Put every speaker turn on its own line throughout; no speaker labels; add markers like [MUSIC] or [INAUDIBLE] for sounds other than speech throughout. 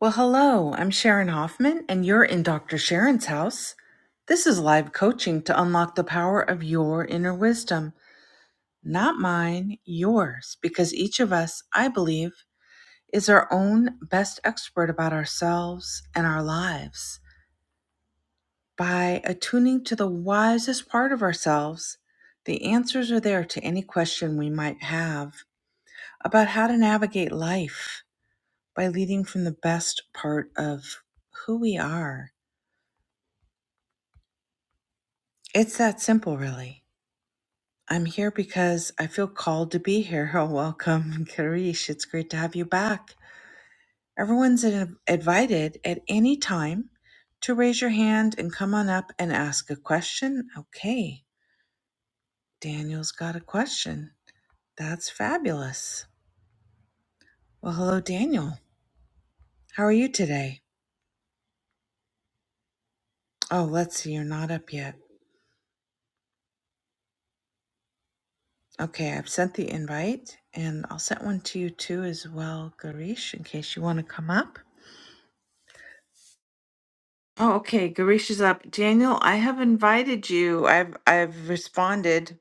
Well, hello, I'm Sharon Hoffman, and you're in Dr. Sharon's house. This is live coaching to unlock the power of your inner wisdom, not mine, yours, because each of us, I believe, is our own best expert about ourselves and our lives. By attuning to the wisest part of ourselves, the answers are there to any question we might have about how to navigate life by leading from the best part of who we are. It's that simple, really. I'm here because I feel called to be here. [LAUGHS] Oh, welcome, Karish. It's great to have you back. Everyone's in- invited at any time to raise your hand and come on up and ask a question. Okay, Daniel's got a question. That's fabulous. Well, hello, Daniel. How are you today? Oh, let's see, you're not up yet. Okay, I've sent the invite and I'll send one to you too as well, Garish, in case you want to come up. Oh, okay. Garish is up. Daniel, I have invited you. I've I've responded.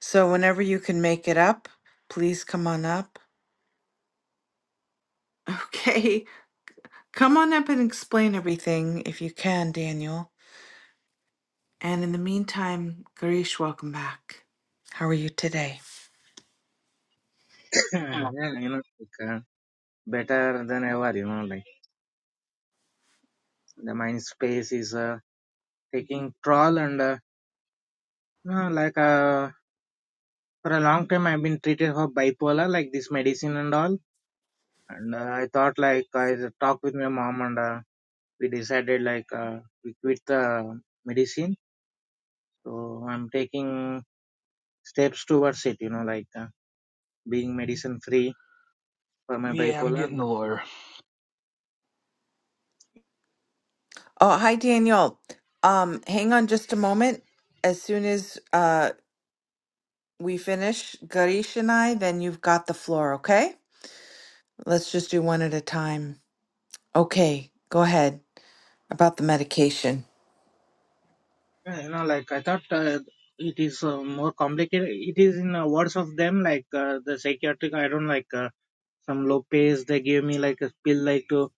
So whenever you can make it up, please come on up. [LAUGHS] Okay. Come on up and explain everything if you can, Daniel. And in the meantime, Garish, welcome back. How are you today?
Yeah,
Mm.
yeah, you know, like, uh, better than ever, you know, like the mind space is uh, taking troll and uh, you know, like uh, for a long time I've been treated for bipolar, like this medicine and all. And uh, I thought like I talked with my mom and uh, we decided like uh, we quit the medicine. So I'm taking steps towards it, you know, like uh, being medicine free for my
Yeah, I'm
bipolar.
getting the
But uh,
lawyer.
Oh, hi Daniel. Um, hang on just a moment. As soon as uh we finish, Garish and I, then you've got the floor, okay? Let's just do one at a time. Okay, go ahead. about the medication.
Yeah, you know, like I thought uh, it is uh, more complicated. It is in uh, words of them, like uh, the psychiatric. I don't like uh, some low pays they gave me like a pill like to,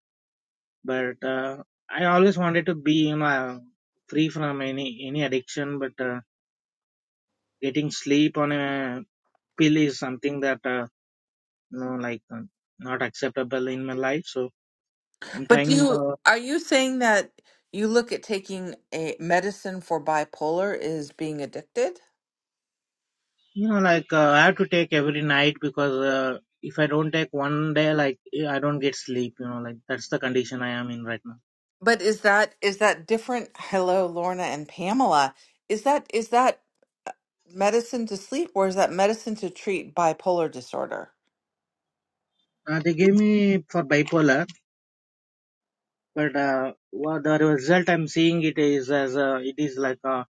but uh, I always wanted to be you know uh, free from any any addiction. But uh, getting sleep on a pill is something that uh, you know like uh, not acceptable in my life. So I'm
But do
trying.
you
Uh,
are you saying that you look at taking a medicine for bipolar is being addicted?
You know, like uh, I have to take every night because uh, if I don't take one day, like eh, I don't get sleep. You know, like that's the condition I am in right now.
But is that is that different? Hello, Lorna and Pamela. Is that is that medicine to sleep or is that medicine to treat bipolar disorder?
Uh, they gave me for bipolar, but uh, what the result I'm seeing it is as uh, it is like a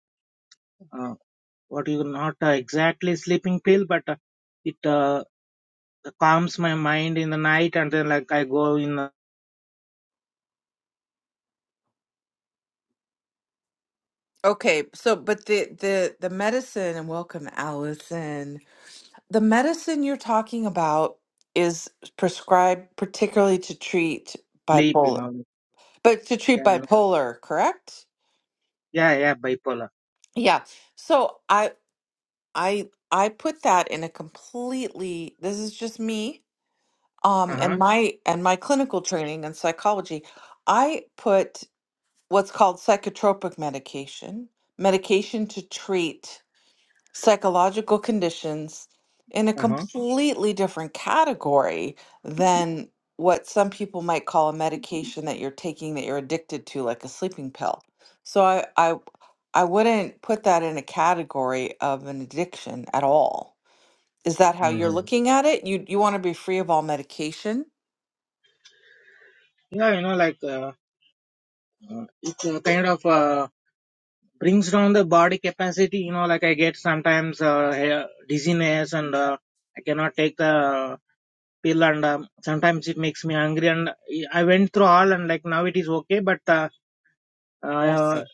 uh, what you not uh, exactly sleeping pill, but uh, it uh, calms my mind in the night, and then like I go in uh,
Okay, so but the the the medicine and welcome Allison. The medicine you're talking about is prescribed particularly to treat
sleep. You
bipolar.
know, like,
But to treat
yeah,
bipolar, correct?
yeah, yeah, bipolar.
Yeah. So I I I put that in a completely this is just me
Uh
um and
huh.
my and my clinical training in psychology. I put what's called psychotropic medication, medication to treat psychological conditions in a
Uh huh.
completely different category than what some people might call a medication that you're taking that you're addicted to, like a sleeping pill. So I, I, I wouldn't put that in a category of an addiction at all. Is that how you're
hmm
looking at it? You you want to be free of all medication?
Yeah, you know, like uh, uh, it's a kind of uh, brings down the body capacity you know like i get sometimes uh, eh, dizziness and uh, i cannot take the pill and um, sometimes it makes me angry and i went through all and like now it is okay but uh,
I
uh,
see.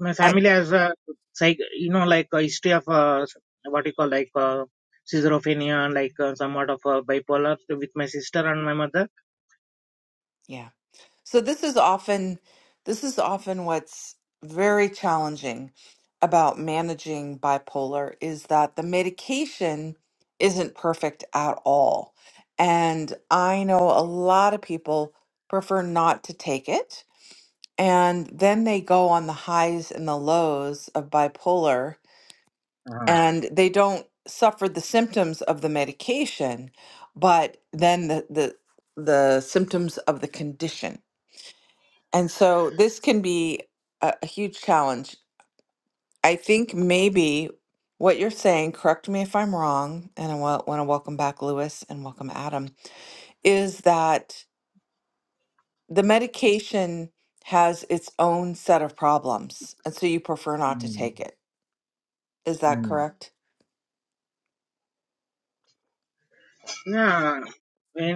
my
I
family has a psych you know like a history of uh, what you call like uh, schizophrenia and like uh, somewhat of uh, bipolar with my sister and my mother
yeah. So this is often this is often what's very challenging about managing bipolar is that the medication isn't perfect at all. And I know a lot of people prefer not to take it and then they go on the highs and the lows of bipolar
Uh-huh.
and they don't suffer the symptoms of the medication but then the the, the symptoms of the condition and so this can be a, a huge challenge. I think maybe what you're saying, correct me if I'm wrong, and I want to welcome back Lewis and welcome Adam, is that the medication has its own set of problems. And so you prefer not to
Mm,
take it. Is that
mm.
correct?
yeah when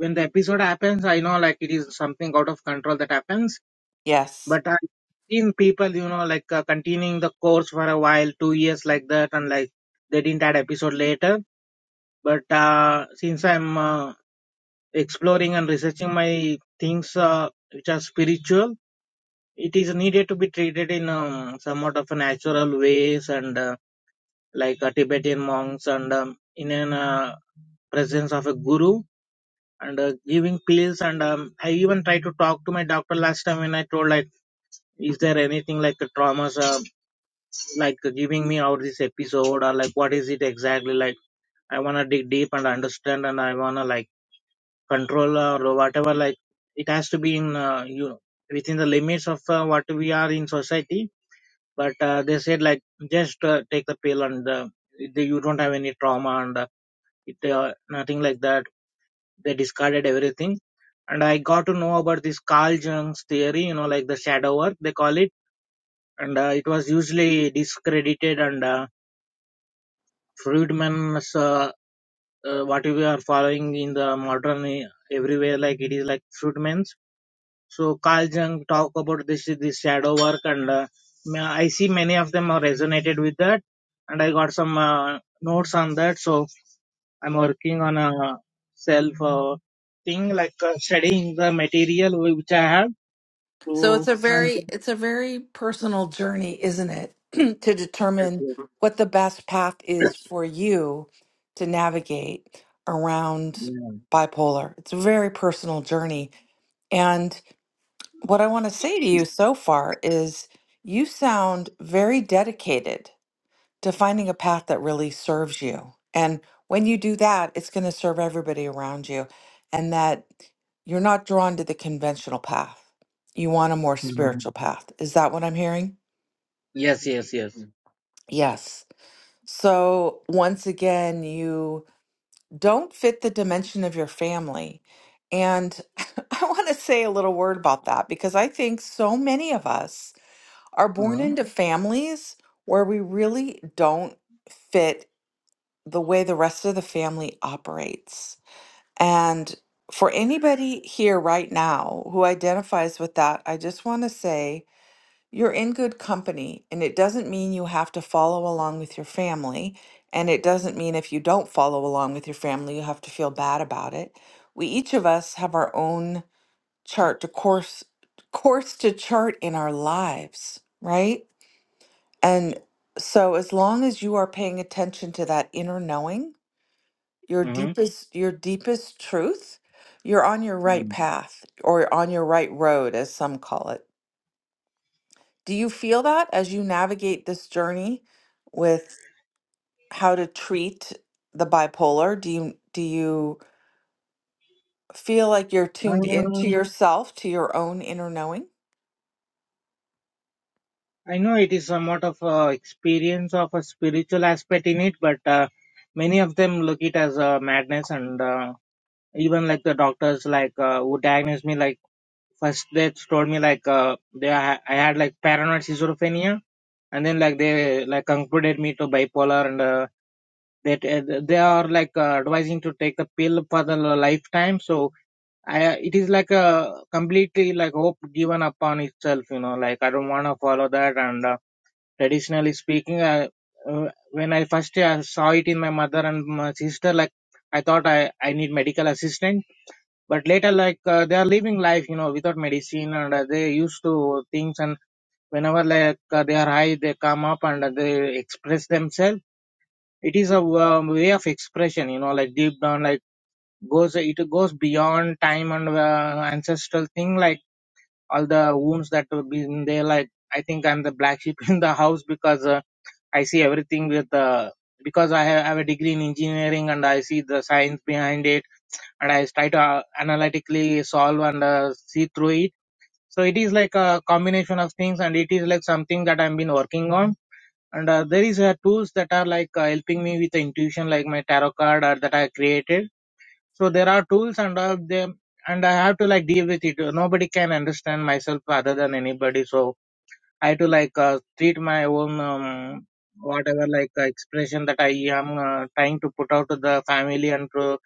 when the episode happens i know like it is something out of control that happens
Yes.
But I've seen people, you know, like uh, continuing the course for a while, two years like that, and like they didn't add episode later. But uh, since I'm uh, exploring and researching my things uh, which are spiritual, it is needed to be treated in um, somewhat of a natural ways and uh, like uh, Tibetan monks and um, in an uh, presence of a guru and uh, giving pills and um, I even tried to talk to my doctor last time when I told like is there anything like a trauma like giving me out this episode or like what is it exactly like i want to dig deep and understand and i want to like control or whatever like it has to be in uh, you know within the limits of uh, what we are in society but uh, they said like just uh, take the pill and uh, they, you don't have any trauma and uh, it, uh, nothing like that they discarded everything and i got to know about this carl jung's theory you know like the shadow work they call it and uh, it was usually discredited and uh, Fruitman's uh, uh, what we are following in the modern uh, everywhere like it is like Fruitman's. So Carl Jung talk about this this shadow work and uh, ma- I see many of them are resonated with that and I got some uh, notes on that. So I'm working on a self uh, thing like uh, studying the material whi- which I have.
So
So
it's a
I'm
very it's a very personal journey, isn't it? [CLEARS THROAT] to determine what the best path is for you to navigate around bipolar. It's a very personal journey. And what I want to say to you so far is you sound very dedicated to finding a path that really serves you. And when you do that, it's going to serve everybody around you, and that you're not drawn to the conventional path. You want a more Mhm. spiritual path. Is that what I'm hearing?
yes yes yes yes.
Mhm. Yes. So, once again, you don't fit the dimension of your family. And [LAUGHS] I want to say a little word about that because I think so many of us are born
Uh-huh.
into families where we really don't fit the way the rest of the family operates. And for anybody here right now who identifies with that, I just want to say you're in good company. And it doesn't mean you have to follow along with your family. And it doesn't mean if you don't follow along with your family, you have to feel bad about it. We each of us have our own chart to course course to chart in our lives, right? And so as long as you are paying attention to that inner knowing your
Uh-huh.
deepest your deepest truth you're on your right path or on your right road as some call it do you feel that as you navigate this journey with how to treat the bipolar do you do you feel like you're tuned
Uh,
into yourself to your own inner knowing
I know it is somewhat of a experience of a spiritual aspect in it, but uh, many of them look it as a madness, and uh, even like the doctors, like uh, who diagnosed me, like first they told me like uh, they ha- I had like paranoid schizophrenia, and then like they like concluded me to bipolar, and uh, that uh, they are like uh, advising to take the pill for the lifetime. So I, it is like a completely like hope given upon itself, you know, like I don't want to follow that and. Uh, traditionally speaking I, uh, when i first uh, saw it in my mother and my sister like i thought i i need medical assistant but later like uh, they are living life you know without medicine and uh, they used to things and whenever like uh, they are high they come up and uh, they express themselves it is a um, way of expression you know like deep down like goes it goes beyond time and uh, ancestral thing like all the wounds that have been there like i think i'm the black sheep [LAUGHS] in the house because uh, I see everything with the because I have, I have a degree in engineering and I see the science behind it and I try to uh, analytically solve and uh, see through it. So it is like a combination of things and it is like something that I've been working on. And uh, there is uh, tools that are like uh, helping me with the intuition, like my tarot card or that I created. So there are tools and uh, them, and I have to like deal with it. Nobody can understand myself other than anybody. So I to like uh, treat my own um, whatever like uh, expression that I am uh, trying to put out to the family and to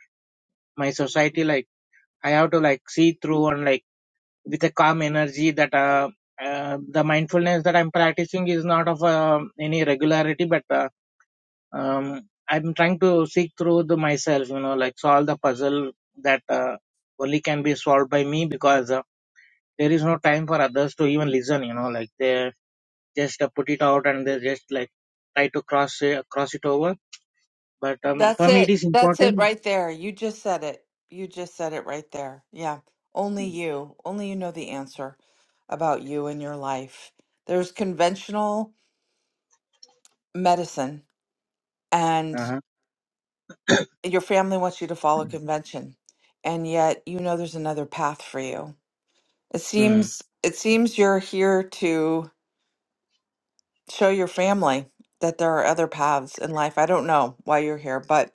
my society. Like I have to like see through and like with a calm energy that uh, uh, the mindfulness that I'm practicing is not of uh, any regularity, but uh, um, I'm trying to seek through the myself. You know, like solve the puzzle that uh, only can be solved by me because uh, there is no time for others to even listen. You know, like they just uh, put it out and they just like try to cross uh, cross it over. But um,
that's
for me, it
it
is
that's it
important.
right there you just said it you just said it right there yeah only you only you know the answer about you and your life there's conventional medicine and
Uh-huh.
your family wants you to follow convention and yet you know there's another path for you it
Mm.
seems it seems you're here to show your family that there are other paths in life i don't know why you're here but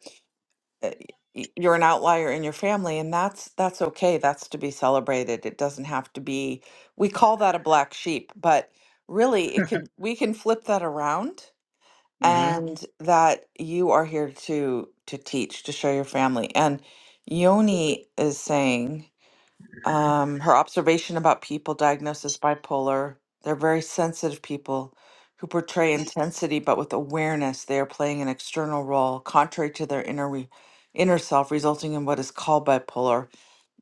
uh, y- you're an outlier in your family and that's that's okay that's to be celebrated it doesn't have to be we call that a black sheep but really it could we can flip that around
Mm-hmm.
and that you are here to to teach to show your family and yoni is saying um, her observation about people diagnosed as bipolar they're very sensitive people who portray intensity but with awareness they are playing an external role contrary to their inner re- inner self resulting in what is called bipolar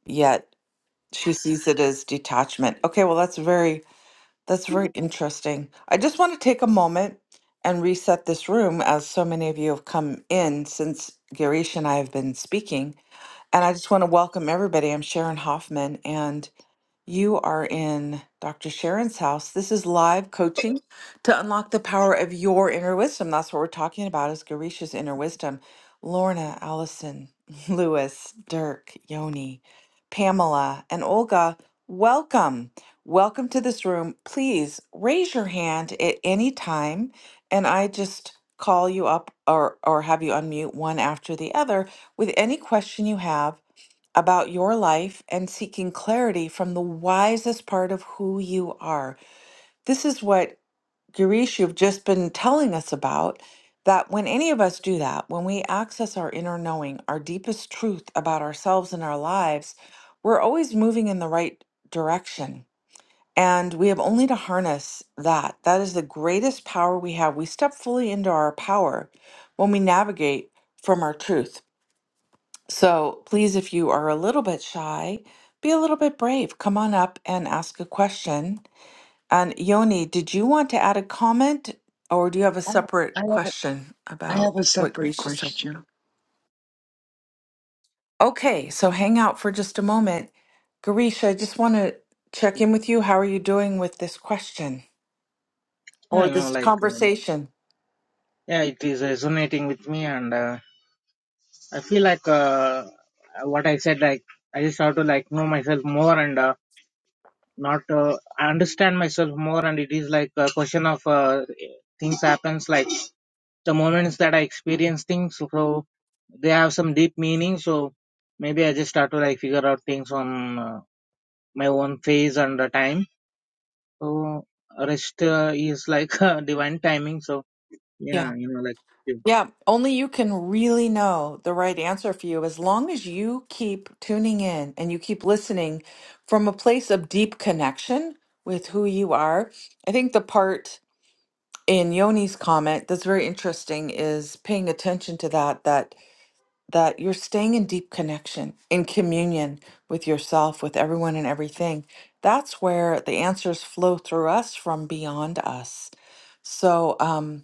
yet she sees it as detachment okay well that's very that's very interesting. I just want to take a moment and reset this room as so many of you have come in since Girish and I have been speaking. And I just want to welcome everybody. I'm Sharon Hoffman, and. You are in Dr. Sharon's house. This is live coaching to unlock the power of your inner wisdom. That's what we're talking about is Garisha's inner wisdom. Lorna, Allison, [LAUGHS] Lewis, Dirk, Yoni, Pamela, and Olga, welcome. Welcome to this room. Please raise your hand at any time and I just call you up or or have you unmute one after the other with any question you have about your life and seeking clarity from the wisest part of who you are. This is what Girish, you've just been telling us about. That when any of us do that, when we access our inner knowing, our deepest truth about ourselves and our lives, we're always moving in the right direction. And we have only to harness that. That is the greatest power we have. We step fully into our power when we navigate from our truth. So please, if you are a little bit shy, be a little bit brave. Come on up and ask a question. And Yoni, did you want to add a comment or do you have a
I I
separate
have a,
question
I
about
have a
what
separate
Grisha said?
question.
Okay, so hang out for just a moment. Grisha, I just want to check in with you. How are you doing with this question
Yeah,
or
you know,
this
like uh,
conversation?
yeah, it is resonating with me, and uh, I feel like uh, what I said, like I just have to like know myself more and uh, not uh, understand myself more, and it is like a question of uh, things happens like the moments that I experience things, so they have some deep meaning. So maybe I just start to like figure out things on uh, my own phase and the time. So rest uh, is like [LAUGHS] divine timing. So
Yeah.
yeah, you know, like. yeah.
Yeah, only you can really know the right answer for you as long as you keep tuning in and you keep listening from a place of deep connection with who you are. I think the part in Yoni's comment that's very interesting is paying attention to that that that you're staying in deep connection, in communion with yourself, with everyone and everything. That's where the answers flow through us from beyond us. So, um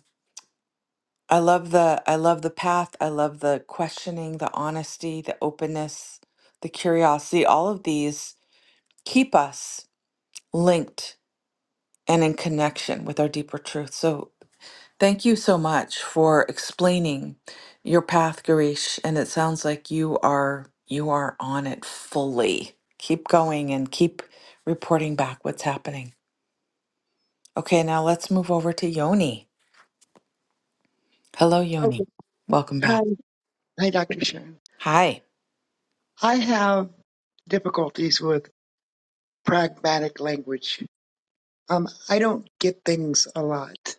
I love the I love the path. I love the questioning, the honesty, the openness, the curiosity. All of these keep us linked and in connection with our deeper truth. So thank you so much for explaining your path, Garish. And it sounds like you are you are on it fully. Keep going and keep reporting back what's happening. Okay, now let's move over to Yoni. Hello,
Okay.
Yoni. Welcome
Hi,
back.
hi, Dr. Sharon.
Hi.
I have difficulties with pragmatic language. Um, I don't get things a lot,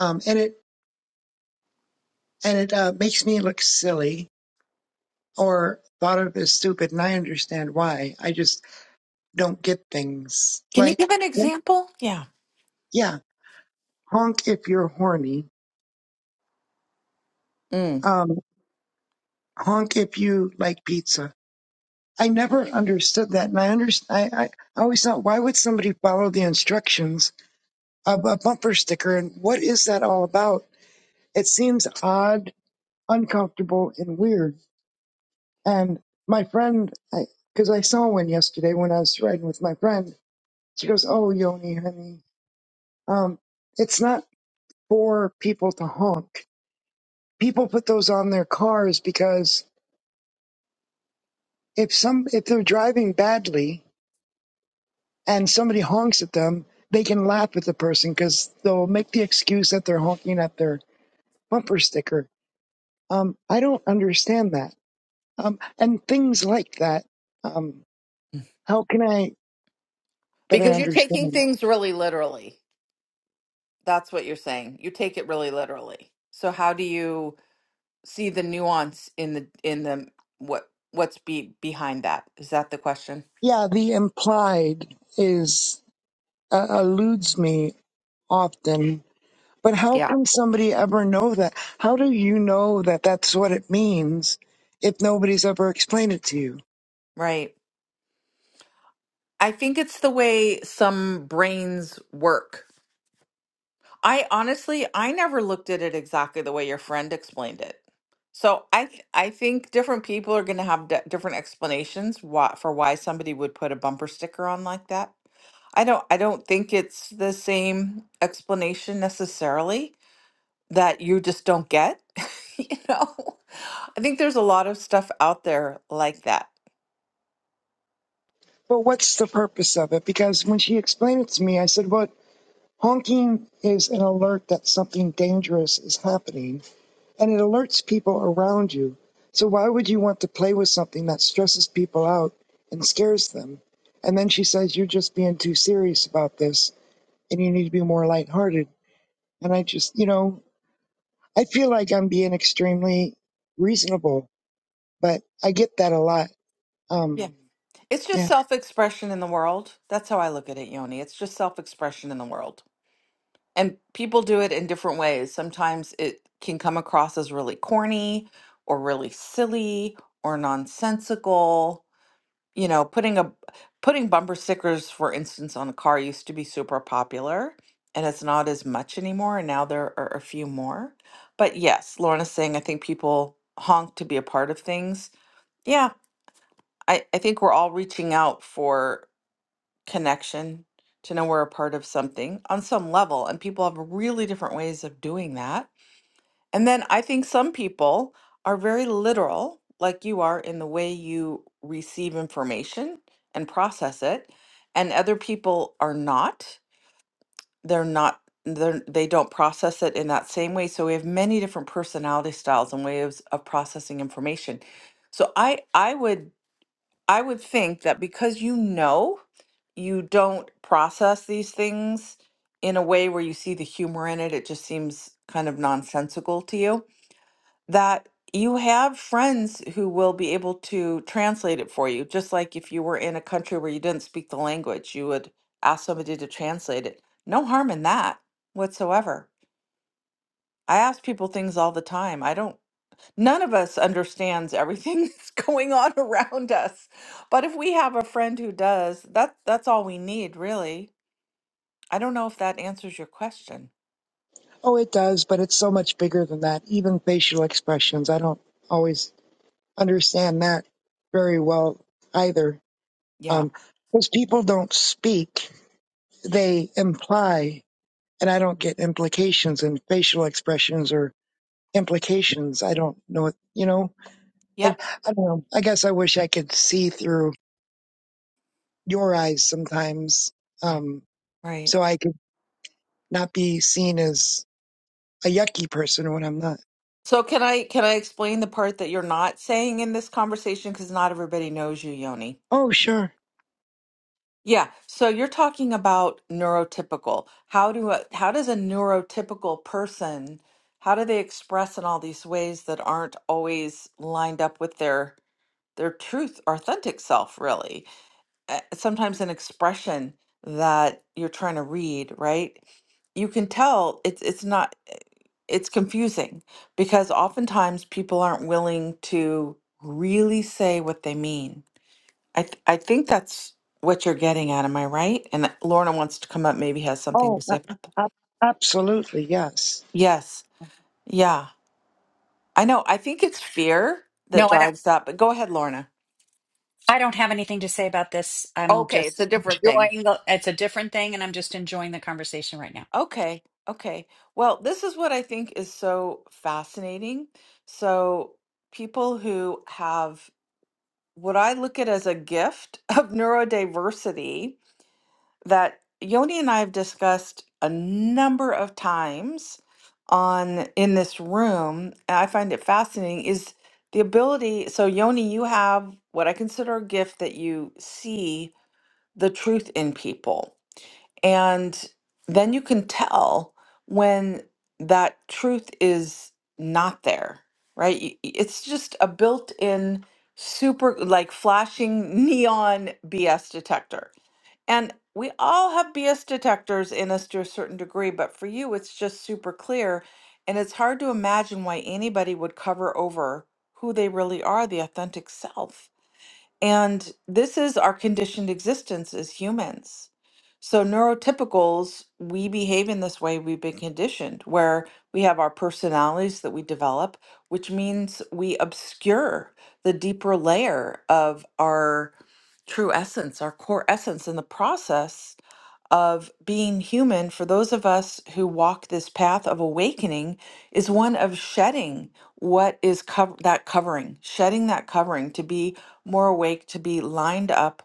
um, and it and it uh, makes me look silly or thought of as stupid. And I understand why. I just don't get things
Can you give
like
an example? Yeah.
yeah, honk if you're horny.
Mm.
Um, honk if you like pizza. I never understood that, and I, under, I I always thought, why would somebody follow the instructions of a bumper sticker, and what is that all about? It seems odd, uncomfortable, and weird. And my friend, because I, 'cause I saw one yesterday when I was riding with my friend, she goes, "Oh, Yoni, honey, um, it's not for people to honk. People put those on their cars because if some if they're driving badly." and somebody honks at them, they can laugh at the person because they'll make the excuse that they're honking at their bumper sticker. Um, I don't understand that. Um, and things like that. Um, how can I better
Because you're taking
understand?
things really literally. That's what you're saying. You take it really literally. So how do you see the nuance in the in the what what's be behind that? Is that the question?
Yeah, the implied is uh, eludes me often. But how
Yeah.
can somebody ever know that? How do you know that that's what it means if nobody's ever explained it to you?
Right. I think it's the way some brains work I honestly, I never looked at it exactly the way your friend explained it. So I, th- I think different people are going to have d- different explanations why, for why somebody would put a bumper sticker on like that. I don't, I don't think it's the same explanation necessarily that you just don't get. [LAUGHS] you know, I think there's a lot of stuff out there like that.
But what's the purpose of it? Because when she explained it to me, I said, "Well, Honking is an alert that something dangerous is happening and it alerts people around you. So, why would you want to play with something that stresses people out and scares them? And then she says, You're just being too serious about this and you need to be more lighthearted. And I just, you know, I feel like I'm being extremely reasonable, but I get that a lot.
Yeah,
Um,
it's just
yeah.
self-expression in the world. That's how I look at it, Yoni. It's just self-expression in the world. And people do it in different ways. Sometimes it can come across as really corny or really silly or nonsensical. You know, putting a putting bumper stickers, for instance, on a car used to be super popular and it's not as much anymore, and now there are a few more. But yes, Lorna's saying I think people honk to be a part of things. Yeah, I, I think we're all reaching out for connection, to know we're a part of something on some level. And people have really different ways of doing that. And then I think some people are very literal, like you are, in the way you receive information and process it. And other people are not. They're not. They're, they don't process it in that same way. So we have many different personality styles and ways of processing information. So I I would I would think that because you know you don't process these things in a way where you see the humor in it, it just seems kind of nonsensical to you, that you have friends who will be able to translate it for you. Just like if you were in a country where you didn't speak the language, you would ask somebody to translate it. No harm in that whatsoever. I ask people things all the time. I don't. None of us understands everything [LAUGHS] that's going on around us. But if we have a friend who does, that that's all we need, really. I don't know if that answers your question.
Oh, it does, but it's so much bigger than that. Even facial expressions. I don't always understand that very well either.
Yeah.
Um, because people don't speak, they imply, and I don't get implications and facial expressions or implications. I don't know, it- you know, I,
Yep.
I don't know. I guess I wish I could see through your eyes sometimes.
Right.
Um,
Right.
so I could not be seen as a yucky person when I'm not.
So can I can I explain the part that you're not saying in this conversation cuz not everybody knows you, Yoni?
Oh, sure.
Yeah. So you're talking about neurotypical. How do a, how does a neurotypical person how do they express in all these ways that aren't always lined up with their their truth, authentic self, really. Uh, Sometimes an expression that you're trying to read, right? You can tell it's it's not eh, it's confusing because oftentimes people aren't willing to really say what they mean. I th- I think that's what you're getting at. Am I right? And Lorna wants to come up, maybe has something
Oh,
to say about that.
a- a- absolutely. Yes.
Yes. Yeah. I know. I think it's fear that
No, I don't.
drives that, but go ahead, Lorna.
I don't have anything to say about this. I'm
Okay, it's a
just
different thing.
enjoying the. It's a different thing, and I'm just enjoying the conversation right now.
Okay. Okay. Well, this is what I think is so fascinating. So, people who have what I look at as a gift [LAUGHS] of neurodiversity that Yoni and I have discussed a number of times on in this room, and I find it fascinating is the ability. So, Yoni, you have what I consider a gift that you see the truth in people and then you can tell when that truth is not there, right? Y- y- It's just a built in, super like flashing neon BS detector. And we all have BS detectors in us to a certain degree, but for you, it's just super clear. And it's hard to imagine why anybody would cover over who they really are, the authentic self and this is our conditioned existence as humans. So, neurotypicals, we behave in this way we've been conditioned, where we have our personalities that we develop, which means we obscure the deeper layer of our true essence, our core essence. In the process, of being human for those of us who walk this path of awakening is one of shedding what is cov- that covering, shedding that covering to be more awake, to be lined up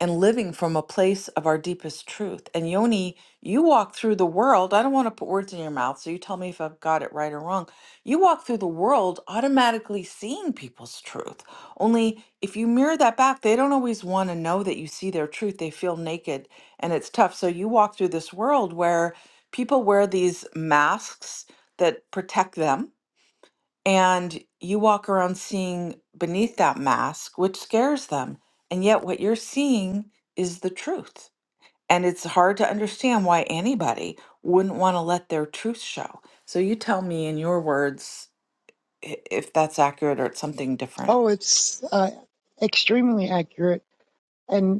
and living from a place of our deepest truth. And Yoni, you walk through the world. I don't want to put words in your mouth, so you tell me if I've got it right or wrong. You walk through the world automatically seeing people's truth. Only if you mirror that back, they don't always want to know that you see their truth. They feel naked and it's tough. So you walk through this world where people wear these masks that protect them and you walk around seeing beneath that mask, which scares them. And yet, what you're seeing is the truth. And it's hard to understand why anybody wouldn't want to let their truth show. So, you tell me in your words i- if that's accurate or it's something different.
Oh, it's, uh, extremely accurate. and.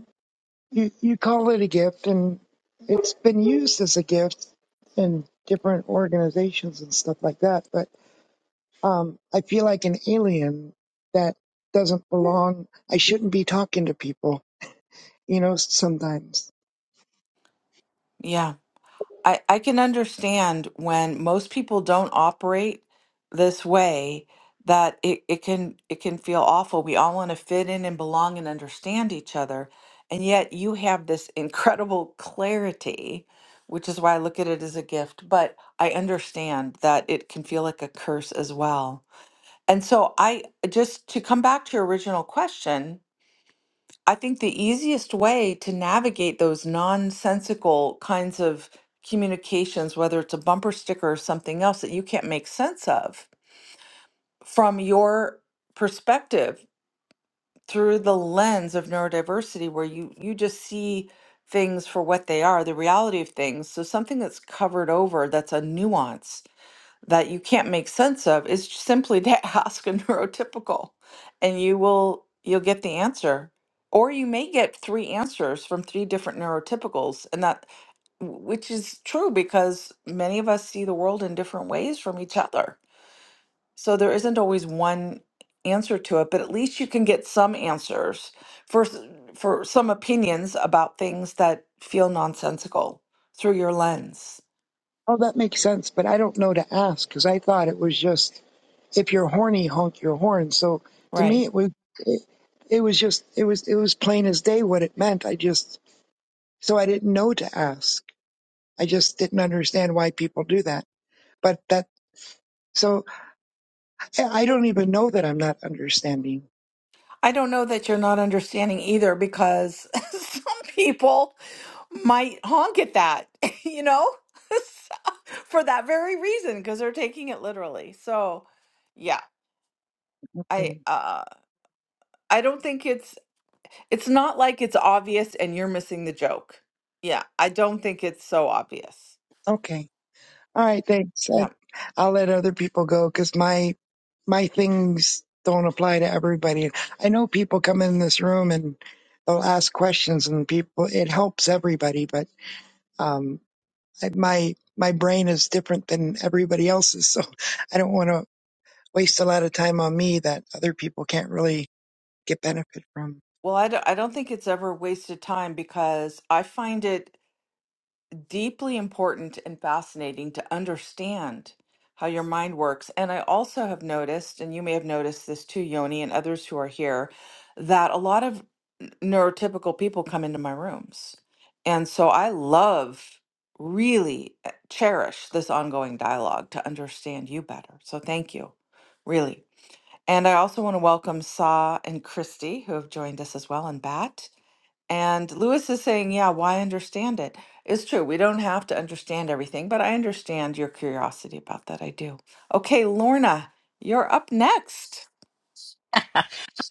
you you call it a gift and it's been used as a gift in different organizations and stuff like that but um i feel like an alien that doesn't belong i shouldn't be talking to people you know sometimes
Yeah. I, I can understand when most people don't operate this way that it, it can it can feel awful. We all want to fit in and belong and understand each other. And yet you have this [LAUGHS] incredible clarity, which is why I look at it as a gift. But I understand that it can feel like a curse as well. And so I just to come back to your original question, I think the easiest way to navigate those nonsensical kinds of communications, whether it's a bumper sticker or something else that you can't make sense of from your perspective through the lens of neurodiversity, where you, you just see things for what they are, the reality of things. So, something that's covered over that's a nuance that you can't make sense of is just simply to [LAUGHS] ask a neurotypical and you will you'll get the answer or you may get three answers from three different neurotypicals and that w- which is true because many of us see the world in different ways from each other so there isn't always one answer to it but at least you can get some answers for s- for some opinions about things that feel nonsensical through your lens
oh that makes sense but i don't know to ask because i thought it was just if you're horny honk your horn so to
right?
me it was it, it was just it was it was plain as day what it meant i just so i didn't know to ask i just didn't understand why people do that but that so I I don't even know that I'm not understanding.
I don't know that you're not understanding either because [LAUGHS] some people might honk at that, [LAUGHS] you know, [LAUGHS] So- for that very reason because they're taking it literally. So, yeah, I
Mm.
uh I don't think it's it's not like it's obvious and you're missing the joke. Yeah, I don't think it's so obvious.
Okay, all right, thanks. I,
Yeah.
I'll let other people go because my my things don't apply to everybody. I know people come in this room and they'll ask questions, and people it helps everybody, but um, I- my my brain is different than everybody else's, [LAUGHS] so I don't want to waste a lot of time on me that other people can't really get benefit from.
Well, I don't, I don't think it's ever wasted time because I find it deeply important and fascinating to understand how your mind works. And I also have noticed, and you may have noticed this too, Yoni, and others who are here, that a lot of n- neurotypical people come into my rooms. And so I love, really uh, cherish this ongoing dialogue to understand you better. So thank you, really. And I also want to welcome Sa and Christy, who have joined us as well, and Bat. And Lewis is saying, Yeah, why understand it? It's true. We don't have to understand everything, but I understand your curiosity about that. I do. Okay, Lorna, you're up next.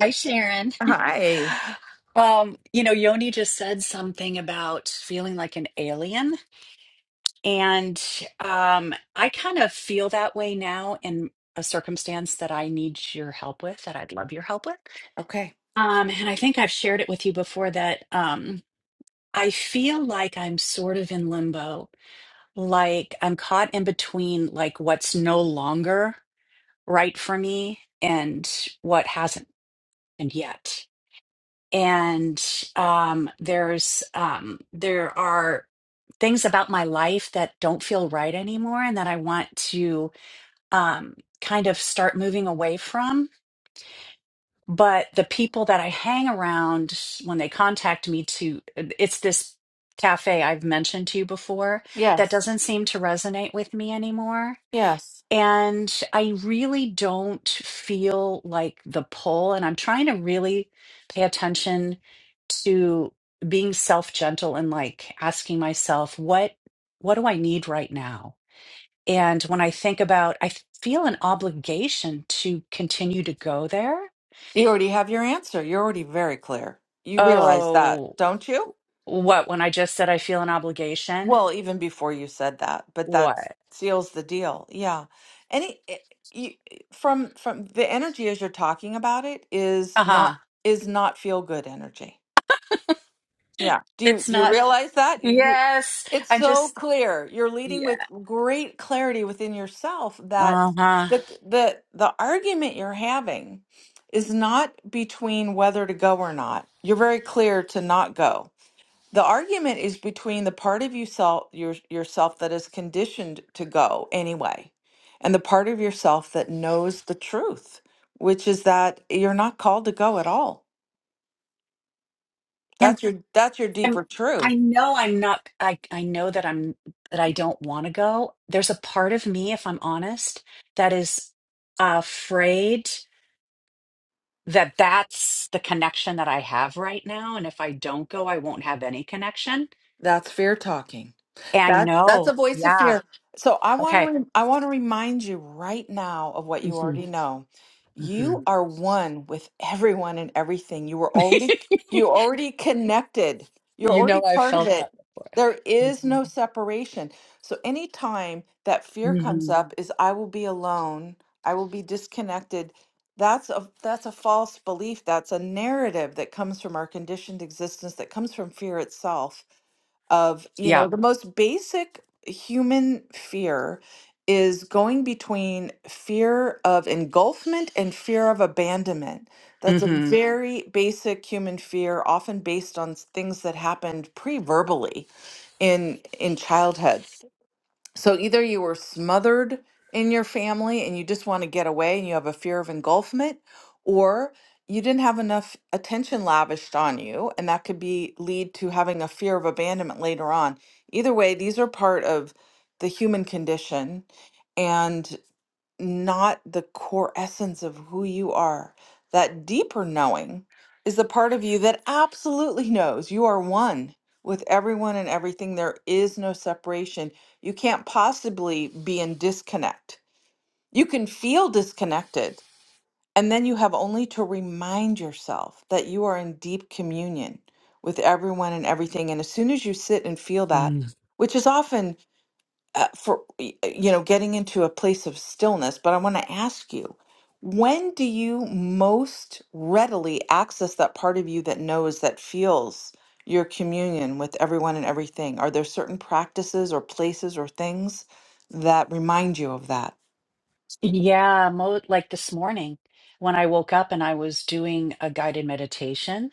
Hi, Sharon.
Hi.
[LAUGHS] Um, you know, Yoni just said something about feeling like an alien, and um, I kind of feel that way now in a circumstance that I need your help with, that I'd love your help with.
Okay.
Um, and I think I've shared it with you before that um, I feel like I'm sort of in limbo like I'm caught in between like what's no longer right for me and what hasn't happened yet. And um there's um there are things about my life that don't feel right anymore and that I want to um kind of start moving away from. But the people that I hang around when they contact me to it's this cafe I've mentioned to you before that
Yes.
doesn't seem to resonate with me anymore
Yes.
And I really don't feel like the pull. And I'm trying to really pay attention to being self gentle and like asking myself, what, what do I need right now? And when I think about, I feel an obligation to continue to go there.
You already have your answer. You're already very clear. You realize that,
Oh,
don't you?
what? When I just said I feel an obligation?
Well, even before you said that, but that
What?
seals the deal. Yeah. Any eh, you, eh, from from the energy as you're talking about it is
Uh huh.
not is not feel good energy. Yeah. Do you
It's
do you
not.
realize that? You
Yes.
it's
I
so
just,
clear. You're leading
yeah.
with great clarity within yourself that
Uh huh.
the the the argument you're having is not between whether to go or not. You're very clear to not go. The argument is between the part of yourself your, yourself that is conditioned to go anyway, and the part of yourself that knows the truth, which is that you're not called to go at all.
And.
That's your that's your
I'm,
deeper truth.
I know I'm not, I, I know that I'm, that I don't want to go. There's a part of me, if I'm honest, that is afraid that that's the connection that I have right now. And if I don't go, I won't have any connection.
That's fear talking.
I
That that's a
know.
voice of
Yeah.
fear. So I want to
Okay.
re- I want to remind you right now of what you
hmm
already know.
hmm
You are one with everyone and everything. You were
[LAUGHS]
already you already connected. You're
you
already
know, I
part of
felt
it.
that.
There is
hmm
no separation. So anytime that fear comes
hmm
up is I will be alone, I will be disconnected. That's a that's a false belief. That's a narrative that comes from our conditioned existence that comes from fear itself of, you
Yeah.
know, the most basic human fear is going between fear of engulfment and fear of abandonment. That's a Mhm.
hmm
very basic human fear, often based on s- things that happened pre-verbally in in childhood. So either you were smothered in your family and you just want to get away and you have a fear of engulfment, or you didn't have enough attention lavished on you, and that could be lead to having a fear of abandonment later on. Either way, these are part of the human condition. and not the core essence of who you are. That deeper knowing is the part of you that absolutely knows you are one with everyone and everything. There is no separation. You can't possibly be in disconnect. You can feel disconnected, and then you have only to remind yourself that you are in deep communion with everyone and everything. And as soon as you sit and feel that,
Mm.
which is often uh, for y- uh, you know getting into a place of stillness but i want to ask you when do you most readily access that part of you that knows that feels your communion with everyone and everything are there certain practices or places or things that remind you of that
Yeah. Mo- like this morning when I woke up and I was doing a guided meditation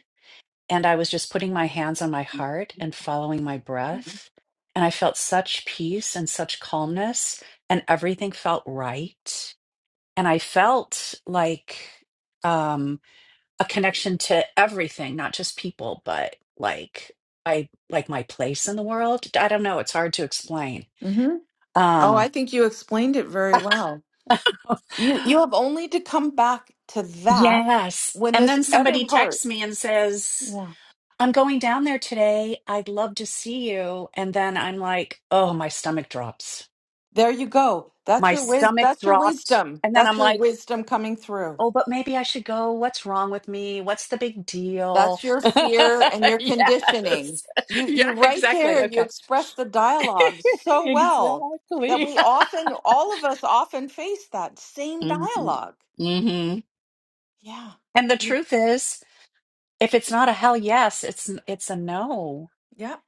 and I was just putting my hands on my
Mhm.
heart and following my
mhm.
breath. And I felt such peace and such calmness, and everything felt right. And I felt like um, a connection to everything, not just people, but like I like my place in the world. I don't know; it's hard to explain.
Mm-hmm. Oh, I
Um,
think you explained it very well. You you
[LAUGHS]
have only to come back to that
yes.
when
And
this
then
other
somebody
part.
texts me and says.
Yeah.
I'm going down there today. I'd love to see you. And then I'm like, oh, my stomach drops.
There you go. That's
My
your wis
stomach
that's your
dropped.
wisdom.
And then
That's
I'm
your
like,
wisdom coming through.
oh, but maybe I should go. What's wrong with me? What's the big deal?
That's your
[LAUGHS]
fear and your
yes. [LAUGHS]
conditioning. You you
Yeah,
right
exactly.
there, you
Okay.
express the
[LAUGHS]
dialogue so well that
exactly.
we often all of us often face that
[LAUGHS]
same
hmm
dialogue.
hmm
Yeah.
And the
Mm.
truth is, if it's not a hell yes, it's it's a no.
Yep,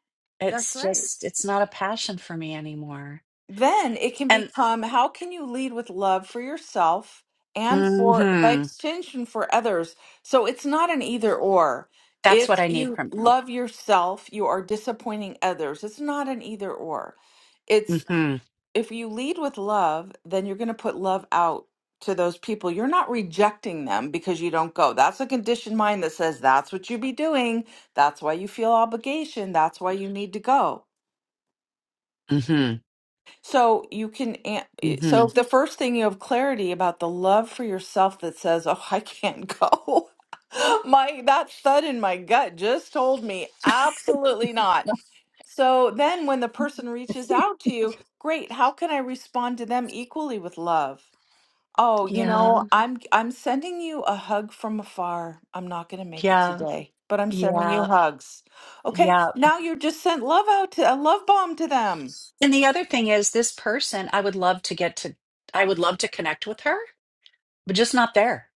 that's
It's
right.
just it's not a passion for me anymore.
Then it can
And
become how can you lead with love for yourself and for by
hmm
extension for others. So it's not an either or.
That's
If
what I need
you
from you.
love yourself, you are disappointing others. It's not an either or. It's.
Mm-hmm.
if you lead with love, then you're going to put love out to those people. You're not rejecting them because you don't go. That's a conditioned mind that says that's what you be doing. That's why you feel obligation. That's why you need to go.
Mm-hmm.
So you can, an- eh, so
Mm-hmm.
if the first thing you have clarity about the love for yourself that says, oh, I can't go. [LAUGHS] My that thud in my gut just told me absolutely not. So then when the person reaches
[LAUGHS]
out to you, great, how can I respond to them equally with love? Oh, you
Yeah.
know, I'm I'm sending you a hug from afar. I'm not going to make it
Yeah.
today, but I'm sending you
Yeah.
hugs. Okay,
Yeah.
now you just sent love out to a love bomb to them.
And the other thing is this person, I would love to get to I would love to connect with her, but just not there.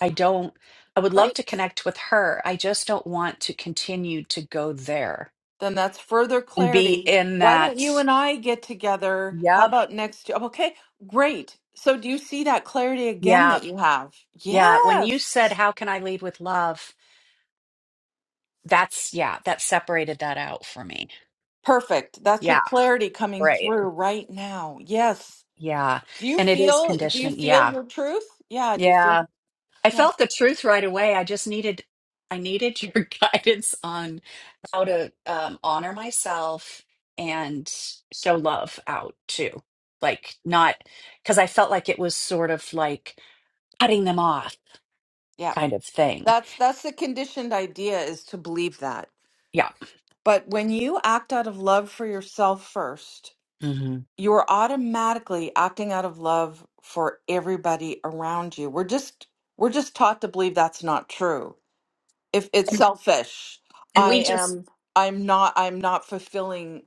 I don't I would love to
Great.
connect with her. I just don't want to continue to go there
Then that's further
and be
clarity.
in
Why don't you
that
and I get together? How
yep,
about next? Okay, great. So do you see that clarity again
yeah,
that you have?
yeah. When you said
Yes.
how can I lead with love, that's yeah, that separated that out for me.
Perfect. That's your
Yeah,
clarity coming
right.
through right now. Yes.
Yeah.
Do you
And it is
feel do you
conditioning.
feel
Yeah.
your truth? Yeah, do you feel?
Yeah. I felt
Yes.
the truth right away. I just needed I needed your [LAUGHS] guidance on how to um, honor myself and show love out too. Like not because I felt like it was sort of like cutting them off
Yeah.
kind of thing.
That's that's the conditioned idea is to believe that.
Yeah.
But when you act out of love for yourself first,
hmm
you are automatically acting out of love for everybody around you. We're just we're just taught to believe that's not true if it's
And,
selfish
and
i
we just
am i'm not i'm not fulfilling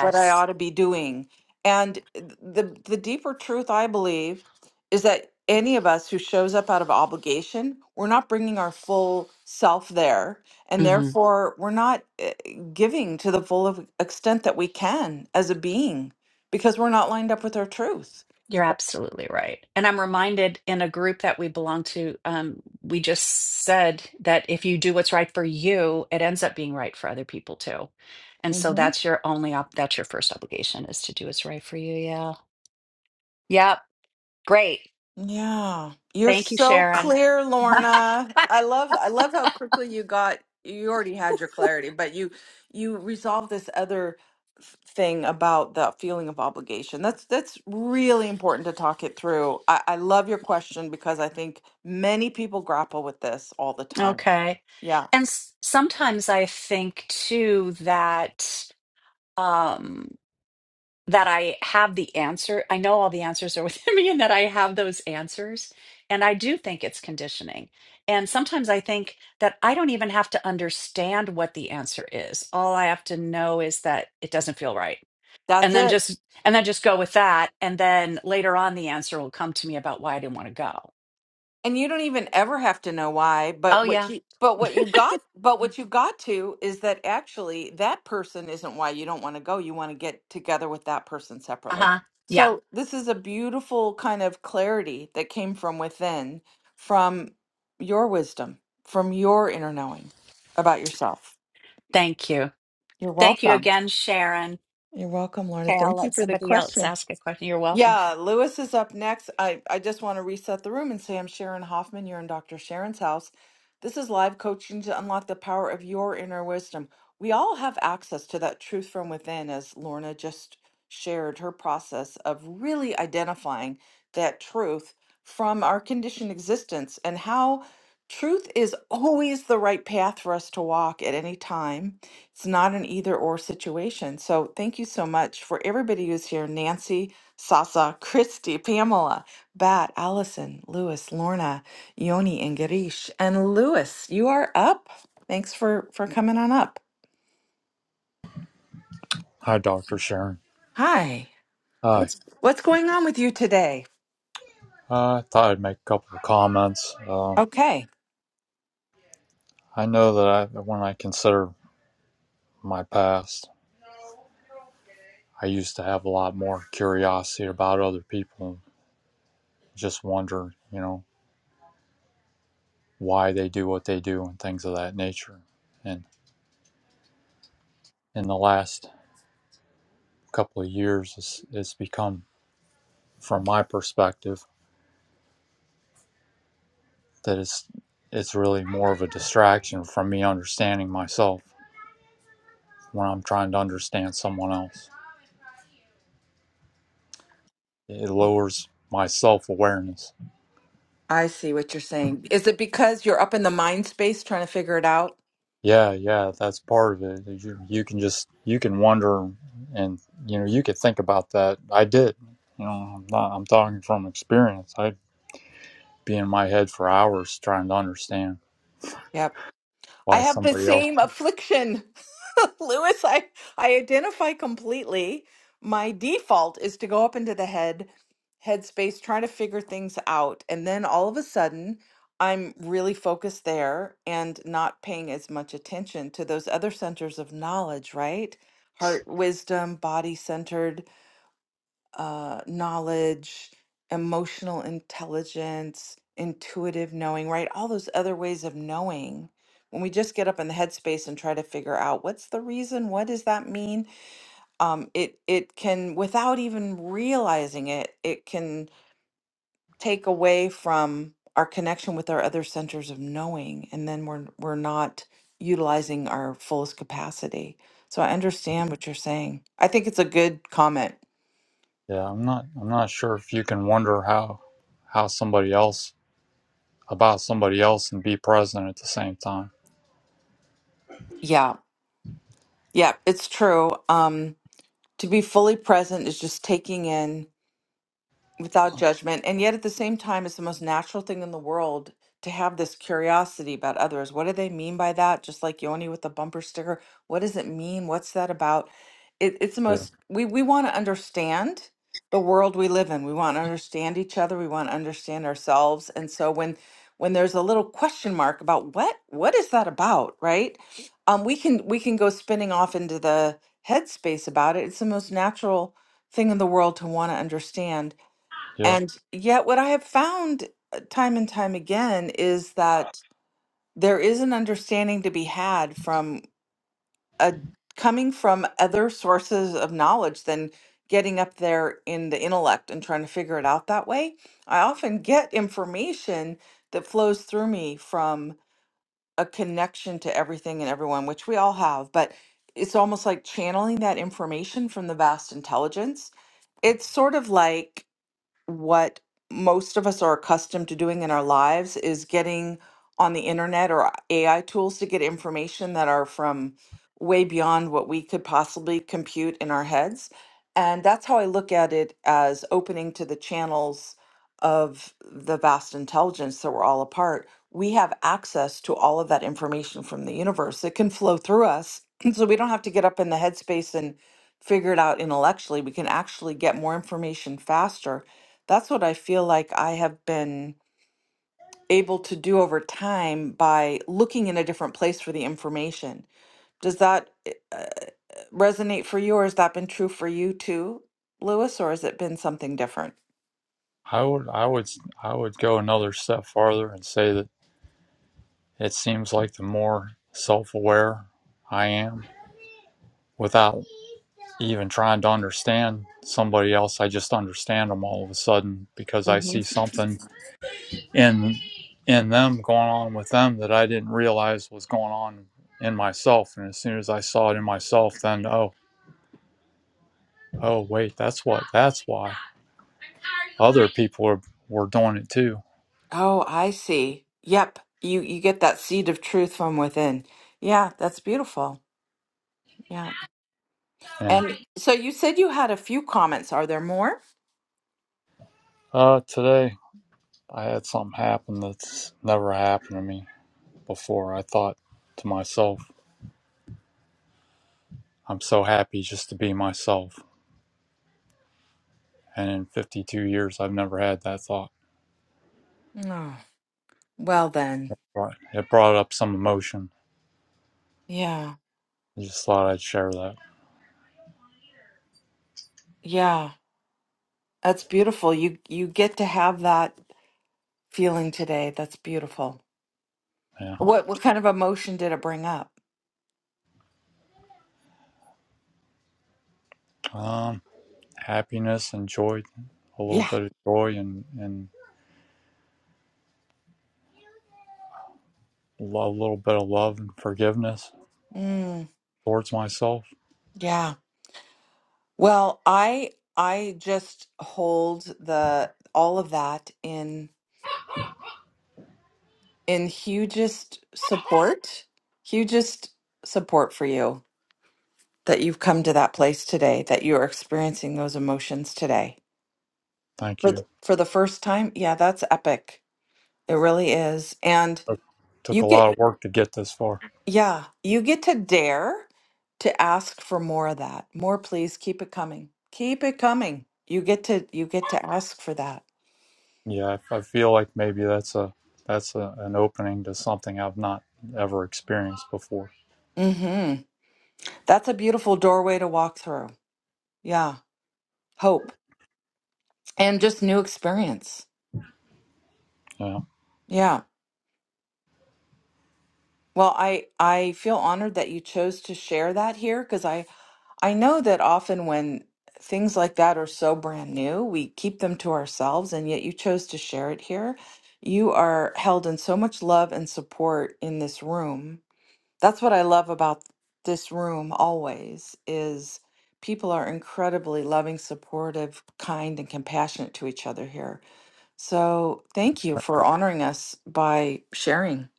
what i ought to be doing and the the deeper truth i believe is that any of us who shows up out of obligation we're not bringing our full self there and
Mm-hmm.
therefore we're not eh, giving to the full of extent that we can as a being because we're not lined up with our truth
You're absolutely right. And I'm reminded in a group that we belong to, um, we just said that if you do what's right for you, it ends up being right for other people too. And so that's your only op that's your first obligation is to do what's right for you. Yeah. Yep. Great.
Yeah. You're
Thank you,
so
Sharon. [LAUGHS]
clear, Lorna. I love I love how quickly you got you already had your clarity, but you you resolved this other f- thing about the feeling of obligation. That's that's really important to talk it through. I, I love your question because I think many people grapple with this all the time.
Okay.
Yeah.
And s- sometimes I think too that um, that I have the answer. I know all the answers are within [LAUGHS] me and that I have those answers. And I do think it's conditioning. And sometimes I think that I don't even have to understand what the answer is. All I have to know is that it doesn't feel right.
That's
And then
it.
just and then just go with that. And then later on the answer will come to me about why I didn't want to go.
and you don't even ever have to know why
Oh
but what
yeah.
you but what you got but what you got to is that actually that person isn't why you don't want to go you want to get together with that person separately
Uh-huh. Yeah.
so this is a beautiful kind of clarity that came from within from your wisdom from your inner knowing about yourself
Thank you.
you're
Thank you
welcome
again, Sharon.
you're welcome lorna
Okay, I'll
thank you
let
for the
somebody else
question
ask a question. You're welcome.
Yeah, Lewis is up next. I, I just want to reset the room and say I'm Sharon Hoffman. You're in Dr. Sharon's house. This is live coaching to unlock the power of your inner wisdom. We all have access to that truth from within, as Lorna just shared her process of really identifying that truth from our conditioned existence and how truth is always the right path for us to walk at any time. It's not an either or situation. So, thank you so much for everybody who's here, Nancy. Sasa, Christy, Pamela, Bat, Allison, Lewis, Lorna, Yoni, and Girish. And Lewis, you are up. Thanks for for coming on up.
Hi, Dr. Sharon.
Hi.
Hi.
What's going on with you today?
I thought I'd make a couple of comments. Um,
Okay.
I know that I, when I consider my past, I used to have a lot more curiosity about other people, just wonder, you know, why they do what they do and things of that nature. And in the last couple of years, it's, it's become, from my perspective, that it's it's really more of a distraction from me understanding myself when I'm trying to understand someone else. it lowers my self awareness.
I see what you're saying. Is it because you're up in the mind space trying to figure it out?
Yeah, yeah, that's part of it. is You you can just you can wonder, and you know you could think about that. I did. You know, I'm not. I'm talking from experience. I'd be in my head for hours trying to understand
Yep. I
why
have the
somebody else.
same affliction. [LAUGHS] Lewis, I, I identify completely. My default is to go up into the head headspace, trying to figure things out. And then all of a sudden, I'm really focused there and not paying as much attention to those other centers of knowledge, right? Heart, wisdom, body centered uh, knowledge, emotional intelligence, intuitive knowing, right? All those other ways of knowing. When we just get up in the headspace and try to figure out what's the reason, what does that mean? Um, it it can, without even realizing it, it can take away from our connection with our other centers of knowing, and then we're we're not utilizing our fullest capacity. So I understand what you're saying. I think it's a good comment.
Yeah, I'm not. I'm not sure if you can wonder how how somebody else about somebody else and be present at the same time.
Yeah, Yeah, it's true. Um, to be fully present is just taking in without judgment. And yet, at the same time, it's the most natural thing in the world to have this curiosity about others. What do they mean by that? Just like Yoni with the bumper sticker. What does it mean? What's that about? It, it's the
Yeah,
most, we, we want to understand the world we live in. We want to understand each other. We want to understand ourselves. And so when, when there's a little question mark about what what is that about right um we can we can go spinning off into the headspace about it it's the most natural thing in the world to want to understand
yeah.
and yet, what I have found uh, time and time again is that there is an understanding to be had from a coming from other sources of knowledge than getting up there in the intellect and trying to figure it out that way. I often get information that flows through me from a connection to everything and everyone, which we all have, but it's almost like channeling that information from the vast intelligence. It's sort of like what most of us are accustomed to doing in our lives is getting on the internet or AI tools to get information that are from way beyond what we could possibly compute in our heads. And that's how I look at it as opening to the channels of the vast intelligence that we're all a part. We have access to all of that information from the universe. It can flow through us. [CLEARS THROAT] So we don't have to get up in the headspace and figure it out intellectually. We can actually get more information faster that's what I feel like I have been able to do over time by looking in a different place for the information. Does that eh, uh, resonate for you, or has that been true for you too, Lewis, or has it been something different?
I would. I would. I would go another step farther and say that It seems like the more self aware I am without even trying to understand somebody else, I just understand them all of a sudden because I
Mhm.
see something in in them going on with them that I didn't realize was going on in myself. And as soon as I saw it in myself, then oh, oh wait, that's what that's why other people were, were doing it too.
Oh, I see. Yep. You you get that seed of truth from within. Yeah, that's beautiful. Yeah.
Yeah.
And so you said you had a few comments. Are there more?
Uh today I had something happen that's never happened to me before. I thought to myself, I'm so happy just to be myself. And in 52 years, I've never had that thought.
Oh, well then.
Right. It brought up some emotion.
Yeah.
I just thought I'd share that.
Yeah. That's beautiful. You you get to have that feeling today. That's beautiful.
Yeah.
What what kind of emotion did it bring up?
Um, happiness and joy, a little
Yeah.
bit of joy and, and a little bit of love and forgiveness
Mm,
towards myself.
yeah. Well, I I just hold the all of that in in hugest support, hugest support for you that you've come to that place today, that you're experiencing those emotions today.
Thank
For the,
you.
for the first time, yeah, that's epic. It really is. And
It took
you
a
get,
lot of work to get this far.
yeah, you get to dare to ask for more of that. More, please. Keep it coming. Keep it coming. You get to, you get to ask for that.
Yeah, I, I feel like maybe that's a that's a, an opening to something I've not ever experienced before.
Mm-hmm. That's a beautiful doorway to walk through. Yeah. Hope and just new experience.
Yeah.
Yeah. Well, I, I feel honored that you chose to share that here because I, I know that often when things like that are so brand new, we keep them to ourselves, and yet you chose to share it here. You are held in so much love and support in this room. That's what I love about this room always is people are incredibly loving, supportive, kind, and compassionate to each other here. So thank you for honoring us by sharing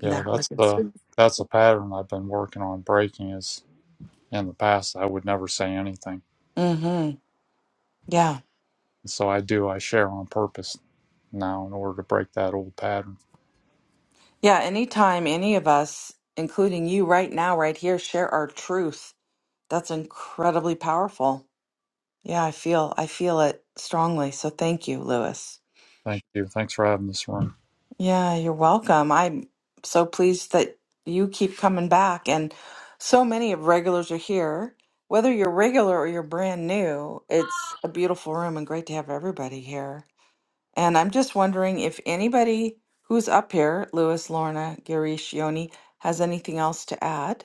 Yeah,
that
that's
with us.
the that's a pattern I've been working on breaking is in the past I would never say anything.
Mm-hmm. Yeah.
So I do, I share on purpose now in order to break that old pattern.
Yeah, anytime any of us, including you right now, right here, share our truth, that's incredibly powerful. Yeah, I feel I feel it strongly. So thank you, Lewis.
Thank you. Thanks for having this room.
Yeah, you're welcome. I'm so pleased that you keep coming back and so many of regulars are here. Whether you're regular or you're brand new, it's a beautiful room and great to have everybody here. And I'm just wondering if anybody who's up here, Lewis, Lorna, Girish, Yoni, has anything else to add.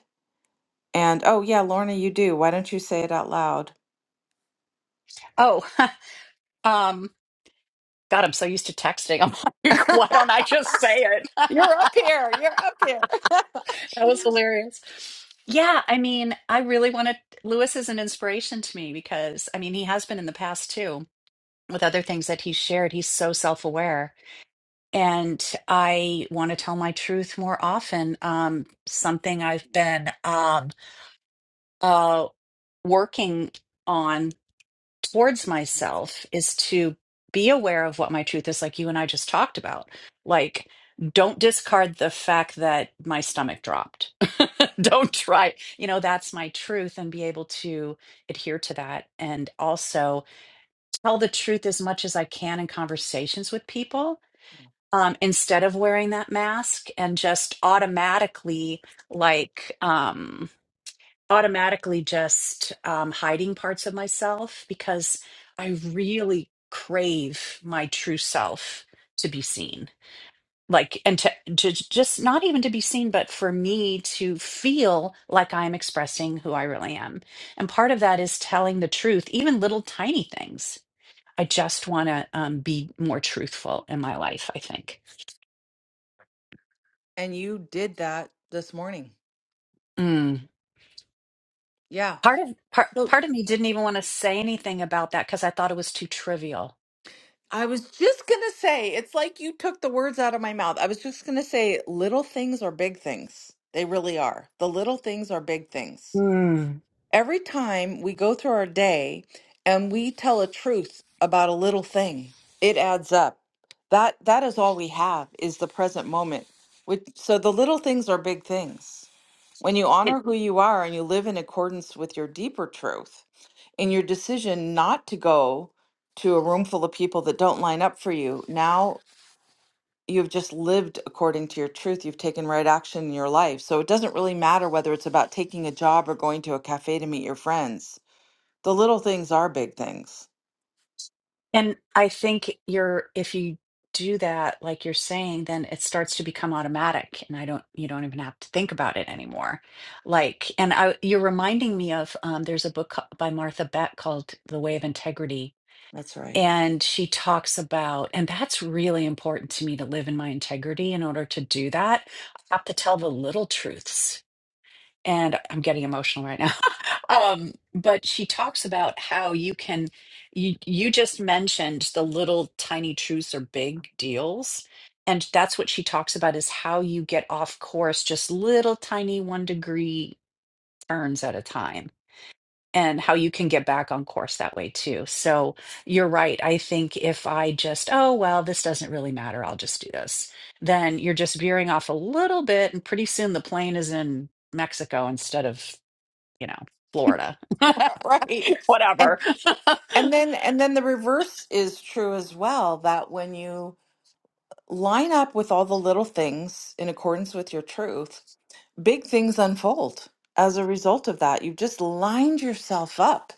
And oh, yeah, Lorna, you do. Why don't you say it out loud?
Oh, [LAUGHS] um, God, I'm so used to texting. I'm [LAUGHS]
[LAUGHS]
like, why don't I just say it? [LAUGHS] that
You're up here. You're up here. [LAUGHS]
was hilarious. Yeah, I mean, I really want to. Lewis is an inspiration to me because, I mean, he has been in the past too with other things that he's shared. He's so self aware. And I want to tell my truth more often. Um, something I've been um, uh, working on. towards myself is to be aware of what my truth is, like you and I just talked about. Like, don't discard the fact that my stomach dropped. [LAUGHS] don't try, you know, that's my truth and be able to adhere to that. And also tell the truth as much as I can in conversations with people um, instead of wearing that mask and just automatically, like, um, automatically just um, hiding parts of myself because I really crave my true self to be seen. Like, and to, to just not even to be seen, but for me to feel like I'm expressing who I really am. And part of that is telling the truth, even little tiny things. I just want to um, be more truthful in my life, I think.
And you did that this morning.
Mm.
Yeah.
Part of part,
So
part of me didn't even want to say anything about that because I thought it was too trivial.
I was just going to say, it's like you took the words out of my mouth. I was just going to say, little things are big things. They really are. The little things are big things.
Mm.
Every time we go through our day and we tell a truth about a little thing, it adds up. That that is all we have is the present moment. Which, so the little things are big things. When you honor who you are and you live in accordance with your deeper truth, in your decision not to go to a room full of people that don't line up for you, now you've just lived according to your truth. You've taken right action in your life. So it doesn't really matter whether it's about taking a job or going to a cafe to meet your friends the little things are big things.
And I think you're, if you do that, like you're saying, then it starts to become automatic and I don't, you don't even have to think about it anymore. Like, and I, you're reminding me of, um, there's a book co- by Martha Beck called The Way of Integrity.
That's right.
And she talks about, and that's really important to me to live in my integrity. In order to do that, I have to tell the little truths and I'm getting emotional right now. [LAUGHS] um, but she talks about how you can, you, you just mentioned the little tiny truths are big deals. And that's what she talks about is how you get off course, just little tiny one degree turns at a time, and how you can get back on course that way too. So you're right. I think if I just, oh, well, this doesn't really matter, I'll just do this, then you're just veering off a little bit, and pretty soon the plane is in Mexico instead of you know, Florida,
[LAUGHS] Right.
[LAUGHS] whatever.
And and then and then the reverse is true as well, that when you line up with all the little things in accordance with your truth. big things unfold as a result of that. You've just lined yourself up.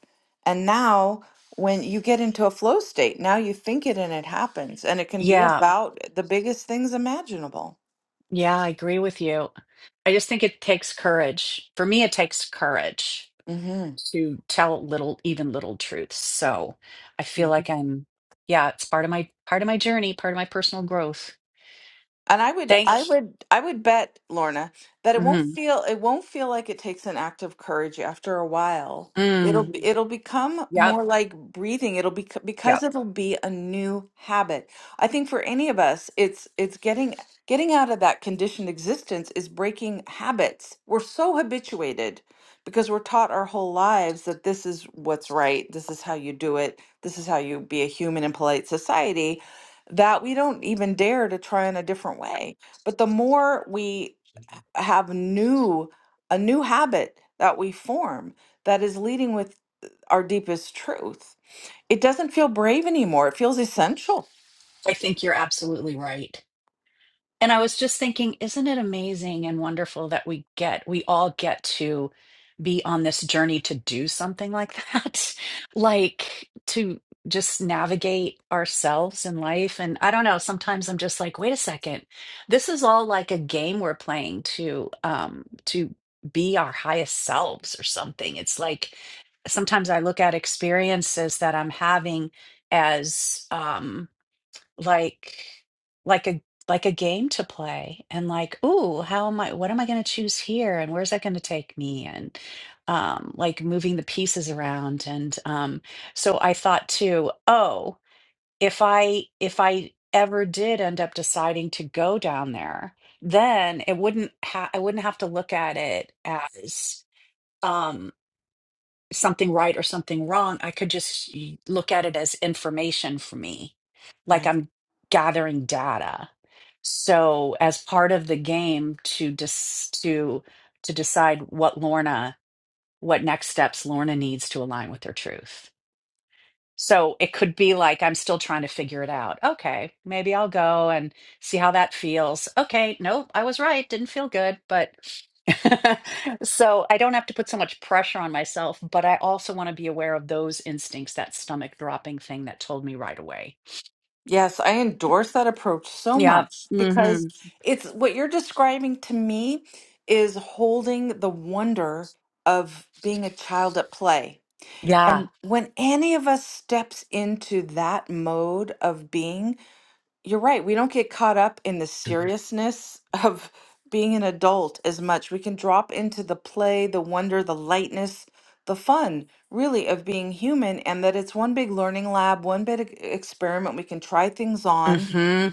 And now, when you get into a flow state, now you think it and it happens. And it
[LAUGHS]
can be
yeah.
about the biggest things imaginable.
Yeah. I agree with you. I just think it takes courage. For me, it takes courage
hmm
to tell little, even little truths. So I feel like I'm, yeah, it's part of my, part of my journey, part of my personal growth.
And I would,
Thank
I would, I would bet, Lorna, that it won't
Mm-hmm.
feel, it won't feel like it takes an act of courage after a while. It'll,
Mm.
be- Mhm. it'll become
Yep.
more like breathing. It'll be because
Yep.
it'll be a new habit. I think for any of us, it's, it's getting, getting out of that conditioned existence is breaking habits. We're so habituated because we're taught our whole lives that this is what's right. This is how you do it. This is how you be a human in polite society that we don't even dare to try in a different way. But the more we h- have new, a new habit that we form that is leading with our deepest truth, it doesn't feel brave anymore. It feels essential.
I think you're absolutely right. And I was just thinking, isn't it amazing and wonderful that we get, we all get to be on this journey to do something like that? [LAUGHS] Like to just navigate ourselves in life. And I don't know, sometimes I'm just like, wait a second, this is all like a game we're playing to, um, to be our highest selves or something. It's like sometimes I look at experiences that I'm having as, um like like a like a game to play and like ooh how am i what am i going to choose here and where's that going to take me and um like moving the pieces around and um so i thought too oh if i if i ever did end up deciding to go down there then it wouldn't ha- i wouldn't have to look at it as um, something right or something wrong. I could just y- look at it as information for me, like I'm gathering data. So, as part of the game to dis- to to decide what Lorna, what next steps Lorna needs to align with her truth. So it could be like, I'm still trying to figure it out. Okay, maybe I'll go and see how that feels. Okay, nope, I was right. Didn't feel good, but [LAUGHS] so I don't have to put so much pressure on myself, but I also want to be aware of those instincts, that stomach dropping thing that told me right away.
Yes, I endorse that approach so
Yeah.
much because
hmm
it's what you're describing to me is holding the wonder of being a child at play.
Yeah.
And when any of us steps into that mode of being, you're right. We don't get caught up in the seriousness [LAUGHS] of being an adult as much. We can drop into the play, the wonder, the lightness, the fun, really, of being human, and that it's one big learning lab, one big e- experiment we can try things on.
hmm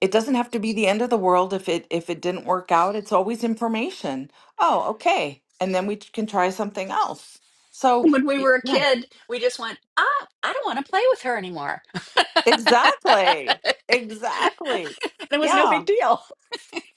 It doesn't have to be the end of the world if it if it didn't work out. It's always information. Oh, okay. And then we t- can try something else. So,
When we
Y-
were a
yeah.
kid, we just went, ah, I don't want to play with her anymore.
Exactly. Exactly.
[LAUGHS] it was no
yeah.
big deal.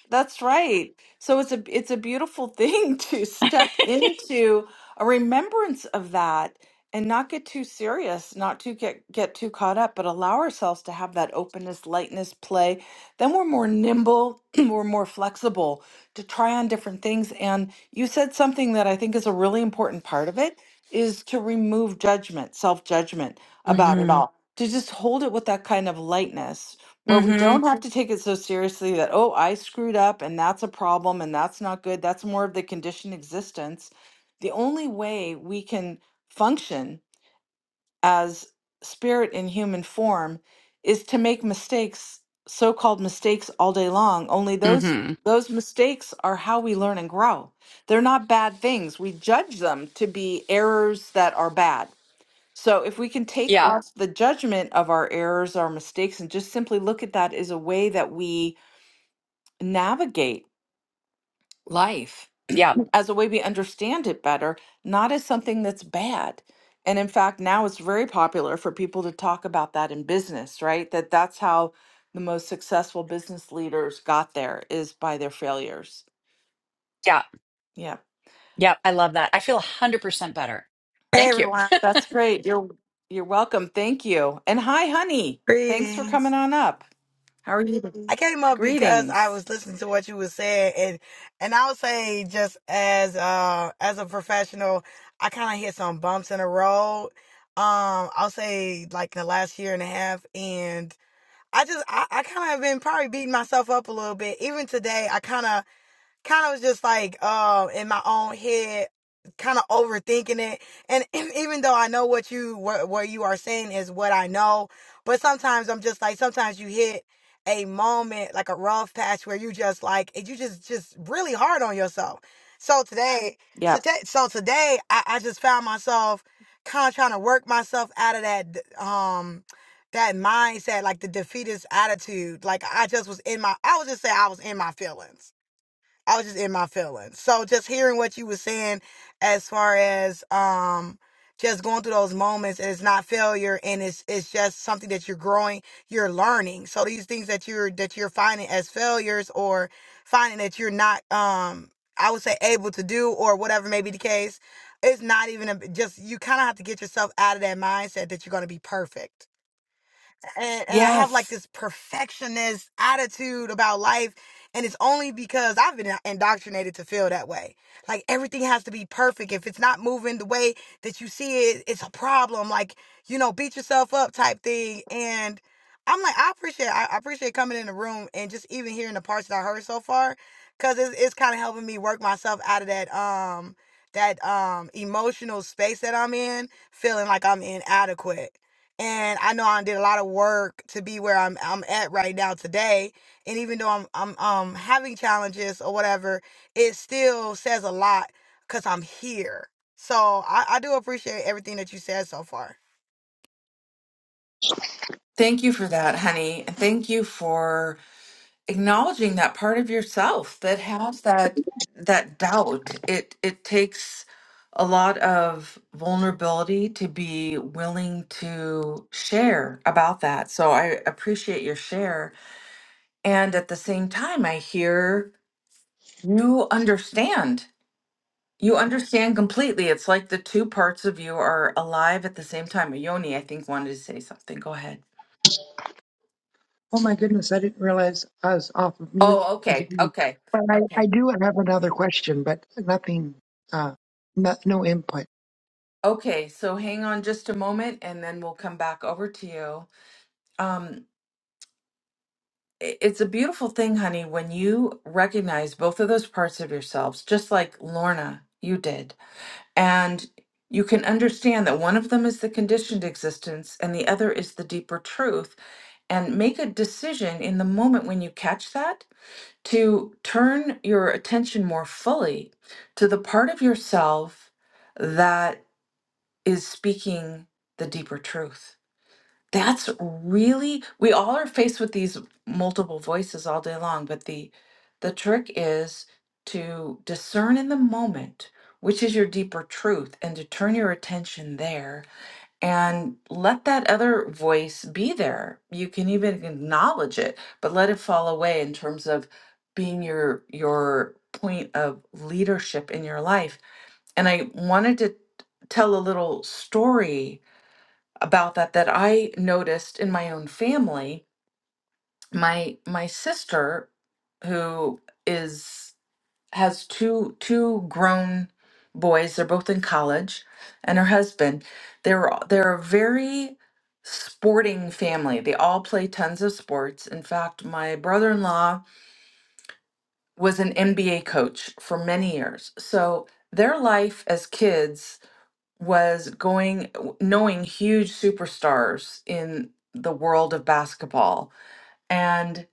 That's right. So it's a it's a beautiful thing [LAUGHS] to step into a remembrance of that and not get too serious, not to get get too caught up, but allow ourselves to have that openness, lightness, play. Then we're more nimble, [CLEARS THROAT] we're more flexible to try on different things. And you said something that I think is a really important part of it is to remove judgment, self-judgment about it
hmm
all. To just hold it with that kind of lightness where we
hmm
don't have to take it so seriously that oh i screwed up and that's a problem and that's not good that's more of the conditioned existence the only way we can function as spirit in human form is to make mistakes so-called mistakes all day long only those
Mm-hmm.
those mistakes are how we learn and grow they're not bad things we judge them to be errors that are bad so if we can take Yeah.
Yeah,
off the judgment of our errors, our mistakes, and just simply look at that as a way that we navigate life,
yeah,
as a way we understand it better, not as something that's bad. And in fact, now it's very popular for people to talk about that in business, right? That that's how the most successful business leaders got there is by their failures.
yeah,
Yeah.
yeah. I love that. I feel 100% better.
Hey
Thank you.
everyone,
That's great. You're you're welcome. Thank you. And hi honey. Thanks for
greetings.
coming on up. How are
I
you?
came up because I
Greetings.
was listening to what you were saying, and and I would say just as uh as a professional, I kind of hit some bumps in the road. Um, I'll say like in the last year and a half, and I just I, I kind of have been probably beating myself up a little bit. Even today, I kind of kind of was just like um in my own head kind of overthinking it and [LAUGHS] even though i know what you what, what you are saying is what i know but sometimes i'm just like sometimes you hit a moment like a rough patch where you just like it- you just just really hard on yourself so today so,
Yep.
ta so today I, I just found myself kind of trying to work myself out of that d- um that mindset like the defeatist attitude like i just was in my i would just say i was in my feelings I was just in my feelings. So just hearing what you were saying as far as um just going through those moments and it's not failure and it's it's just something that you're growing, you're learning. So these things that you're that you're finding as failures or finding that you're not um I would say able to do or whatever may be the case, it's not even a, just you kind of have to get yourself out of that mindset that you're going to be perfect and, and I have like
Yes.
this perfectionist attitude about life. And it's only because I've been indoctrinated to feel that way. Like everything has to be perfect. If it's not moving the way that you see it, it's a problem. Like, you know, beat yourself up type thing. And I'm like, I appreciate, I I appreciate coming in the room and just even hearing the parts that I heard so far. Cause it's, it's kind of helping me work myself out of that, um, that um emotional space that I'm in, feeling like I'm inadequate and I know I did a lot of work to be where I'm I'm at right now today. And even though I'm I'm um having challenges or whatever, it still says a lot because I'm here. So I, I do appreciate everything that you said so far.
Thank you for that, honey. And thank you for acknowledging that part of yourself that has that that doubt. It it takes a lot of vulnerability to be willing to share about that. So I appreciate your share. And at the same time, I hear you understand. You understand completely. It's like the two parts of you are alive at the same time. Yoni, I think, wanted to say something. Go ahead.
Oh my goodness, I didn't realize I was off of mute.
Oh, okay. Okay.
But I,
Okay.
I do have another question, but nothing, uh, no, no input.
Okay. So hang on just a moment and then we'll come back over to you. Um, i- it's a beautiful thing, honey, when you recognize both of those parts of yourselves, just like Lorna, you did. And you can understand that one of them is the conditioned existence and the other is the deeper truth. And make a decision in the moment when you catch that to turn your attention more fully to the part of yourself that. is speaking the deeper truth. That's really we all are faced with these multiple voices all day long, but the the trick is to discern in the moment which is your deeper truth and to turn your attention there and let that other voice be there. You can even acknowledge it, but let it fall away in terms of being your your point of leadership in your life. And I wanted to tell a little story about that that I noticed in my own family. My my sister, who is has two two grown boys, they're both in college, and her husband. They're they're a very sporting family. They all play tons of sports. In fact, my brother-in-law was an NBA coach for many years. So their life as kids was going knowing huge superstars in the world of basketball and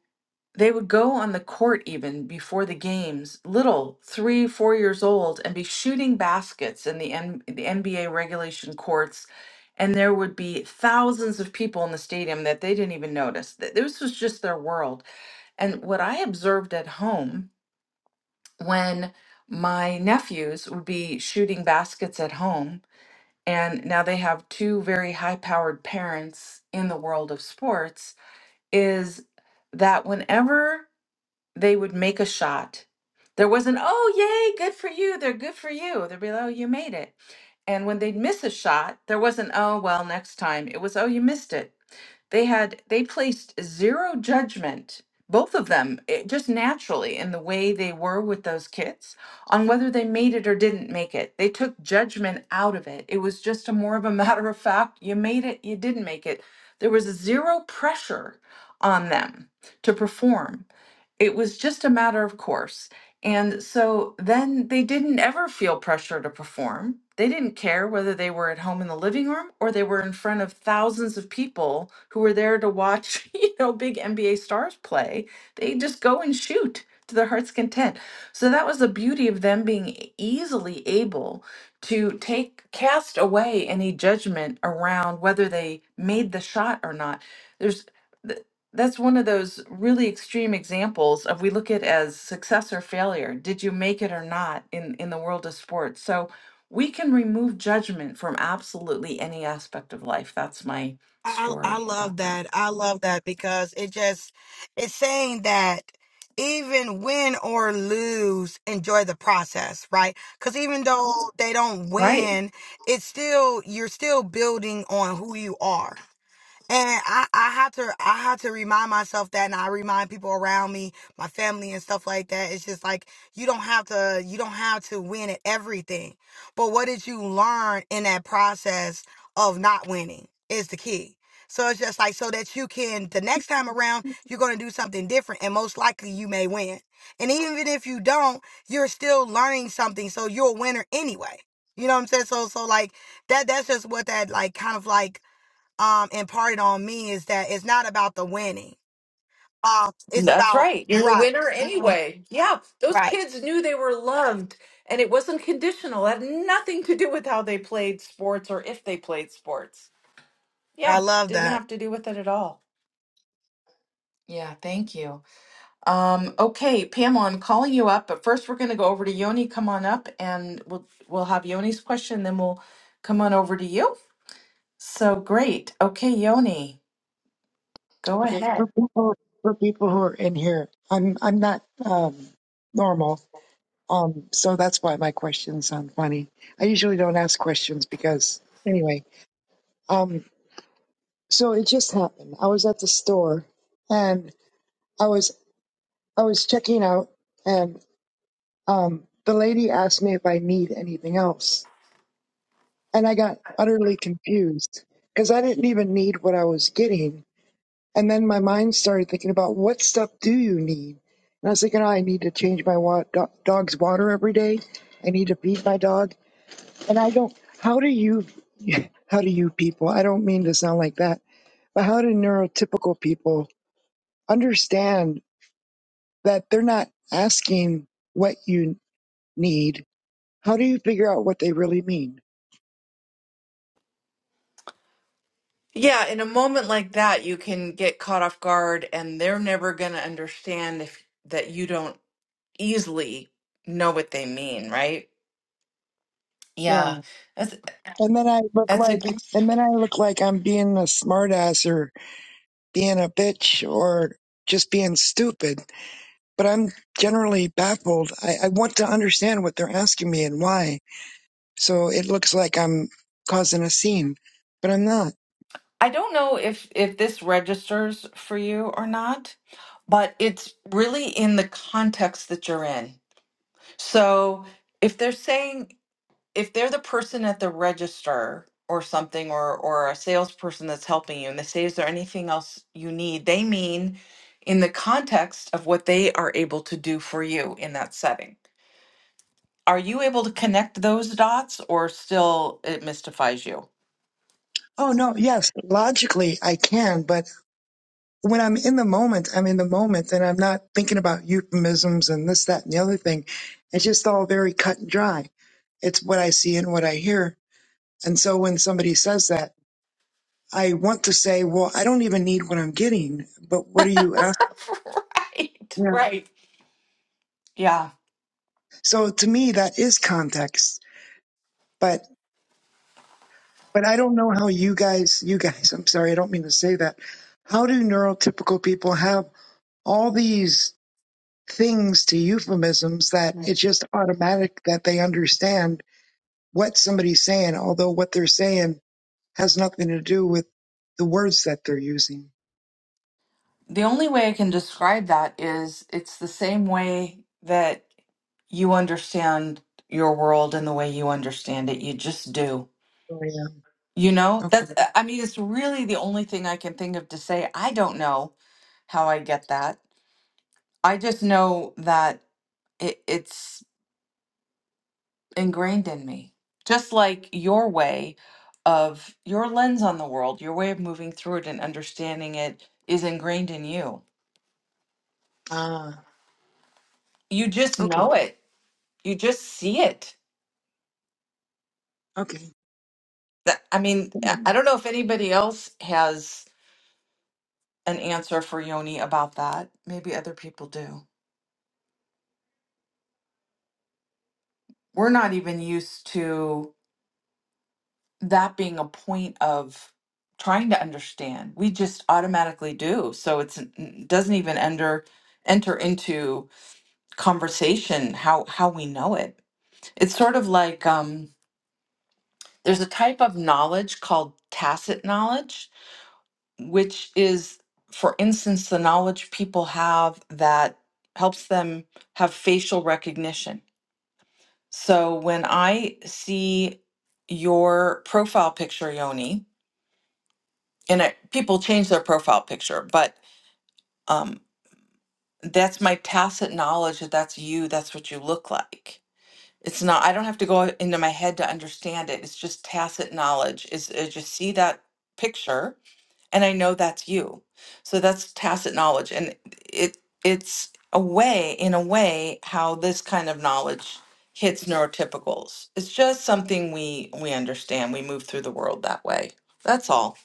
they would go on the court even before the games little three four years old and be shooting baskets in the, N- the nba regulation courts and there would be thousands of people in the stadium that they didn't even notice Th- this was just their world and what I observed at home when my nephews would be shooting baskets at home and now they have two very high powered parents in the world of sports is that whenever they would make a shot. There wasn't, oh, yay, good for you. They're good for you. They'd be like, oh, you made it. And when they'd miss a shot, there wasn't, oh, well, next time. It was, oh, you missed it. They had, they placed zero judgment, both of them, it, just naturally in the way they were with those kids on whether they made it or didn't make it. They took judgment out of it. It was just a more of a [LAUGHS] matter of fact, you made it, you didn't make it. There was zero pressure on them to perform. It was just a matter of course. And so then they didn't ever feel pressure to perform. They didn't care whether they were at home in the living room or they were in front of thousands of people who were there to watch, [LAUGHS] you know, big NBA stars play. They just go and shoot to their heart's content. So that was the beauty of them being e- easily able to take cast away any judgment around whether they made the shot or not. There's that's one of those really extreme examples of we look at as success or failure. Did you make it or not in in the world of sports? So we can remove judgment from absolutely any aspect of life. That's my
I I
story
love
about that.
that. I love that because it just it's saying that even win or lose, enjoy the process, right? Because even though they don't
Right.
win, it's still you're still building on who you are And I, I had to I had to remind myself that and I remind people around me, my family and stuff like that. It's just like you don't have to you don't have to win at everything. But what did you learn in that process of not winning is the key. So it's just like so that you can the next time around you're gonna do something different and most likely you may win. And even if you don't, you're still learning something. So you're a winner anyway. You know what I'm saying? So so like that that's just what that like kind of like um imparted on me is that it's not about the winning. Um, it's
That's
about
right. You're a
right,
winner
Mhm.
anyway. Yeah. Those
right.
kids knew they were loved and it wasn't conditional. It had nothing to do with how they played sports or if they played sports.
I
Yeah.
love
Didn't
that.
have to do with it at all. Yeah, thank you. Um, okay, Pamela, I'm calling you up, but first we're going to go over to Yoni. Come on up, and we'll we'll have Yoni's question, then we'll come on over to you. So great. Okay, Yoni, go
Okay,
ahead.
for people, for people who are in here, I'm, I'm not, um, normal. Um, so that's why my questions sound funny. I usually don't ask questions because, anyway, um, so it just happened. I was at the store and I was, I was checking out and, um, the lady asked me if I need anything else. And I got utterly confused because I didn't even need what I was getting. And then my mind started thinking about what stuff do you need? And I was thinking, oh, I need to change my wa- do- dog's water every day. I need to feed my dog. And I don't, how do you, [LAUGHS] how do you people, I don't mean to sound like that, but how do neurotypical people understand that they're not asking what you need? How do you figure out what they really mean?
Yeah, in a moment like that, you can get caught off guard, and they're never going to understand if that you don't easily know what they mean, right?
Yeah.
Yeah, that's
And then I look
that's a
like,
good
and then I look like I'm being a smartass or being a bitch or just being stupid. But I'm generally baffled. I, I want to understand what they're asking me and why. So it looks like I'm causing a scene, but I'm not.
I don't know if if this registers for you or not, but it's really in the context that you're in. So if they're saying if they're the person at the register or something or or a salesperson that's helping you and they say is there anything else you need, they mean in the context of what they are able to do for you in that setting. Are you able to connect those dots or still it mystifies you?
Oh no, yes, logically I can, but when I'm in the moment, I'm in the moment and I'm not thinking about euphemisms and this, that, and the other thing. It's just all very cut and dry. It's what I see and what I hear. And so when somebody says that, I want to say, well, I don't even need what I'm getting, but what are you asking?
[LAUGHS] Right,
Yeah.
right. Yeah.
So to me, that is context, but, but I don't know how you guys, you guys, I'm sorry, I don't mean to say that. How do neurotypical people have all these things to euphemisms that it's just automatic that they understand what somebody's saying, although what they're saying has nothing to do with the words that they're using.
The only way I can describe that is it's the same way that you understand your world and the way you understand it. You just do.
Oh, yeah.
You know, that's,
Okay.
uh, I mean, it's really the only thing I can think of to say. I don't know how I get that. I just know that it, it's ingrained in me. Just like your way of your lens on the world, your way of moving through it and understanding it is ingrained in you.
Ah,
You just
okay.
know it, you just see it
Okay.
That, I mean, I I don't know if anybody else has an answer for Yoni about that. Maybe other people do. We're not even used to that being a point of trying to understand. We just automatically do. So it's it doesn't even enter enter into conversation how how we know it. It's sort of like um there's a type of knowledge called tacit knowledge which is, for instance, the knowledge people have that helps them have facial recognition. So when I see your profile picture, Yoni, and I, people change their profile picture, but um, that's my tacit knowledge that that's you, that's what you look like. It's not, I don't have to go into my head to understand it. It's just tacit knowledge. Is I just see that picture and I know that's you. So that's tacit knowledge, and it it's a way, in a way, how this kind of knowledge hits neurotypicals. It's just something we we understand. We move through the world that way. That's all.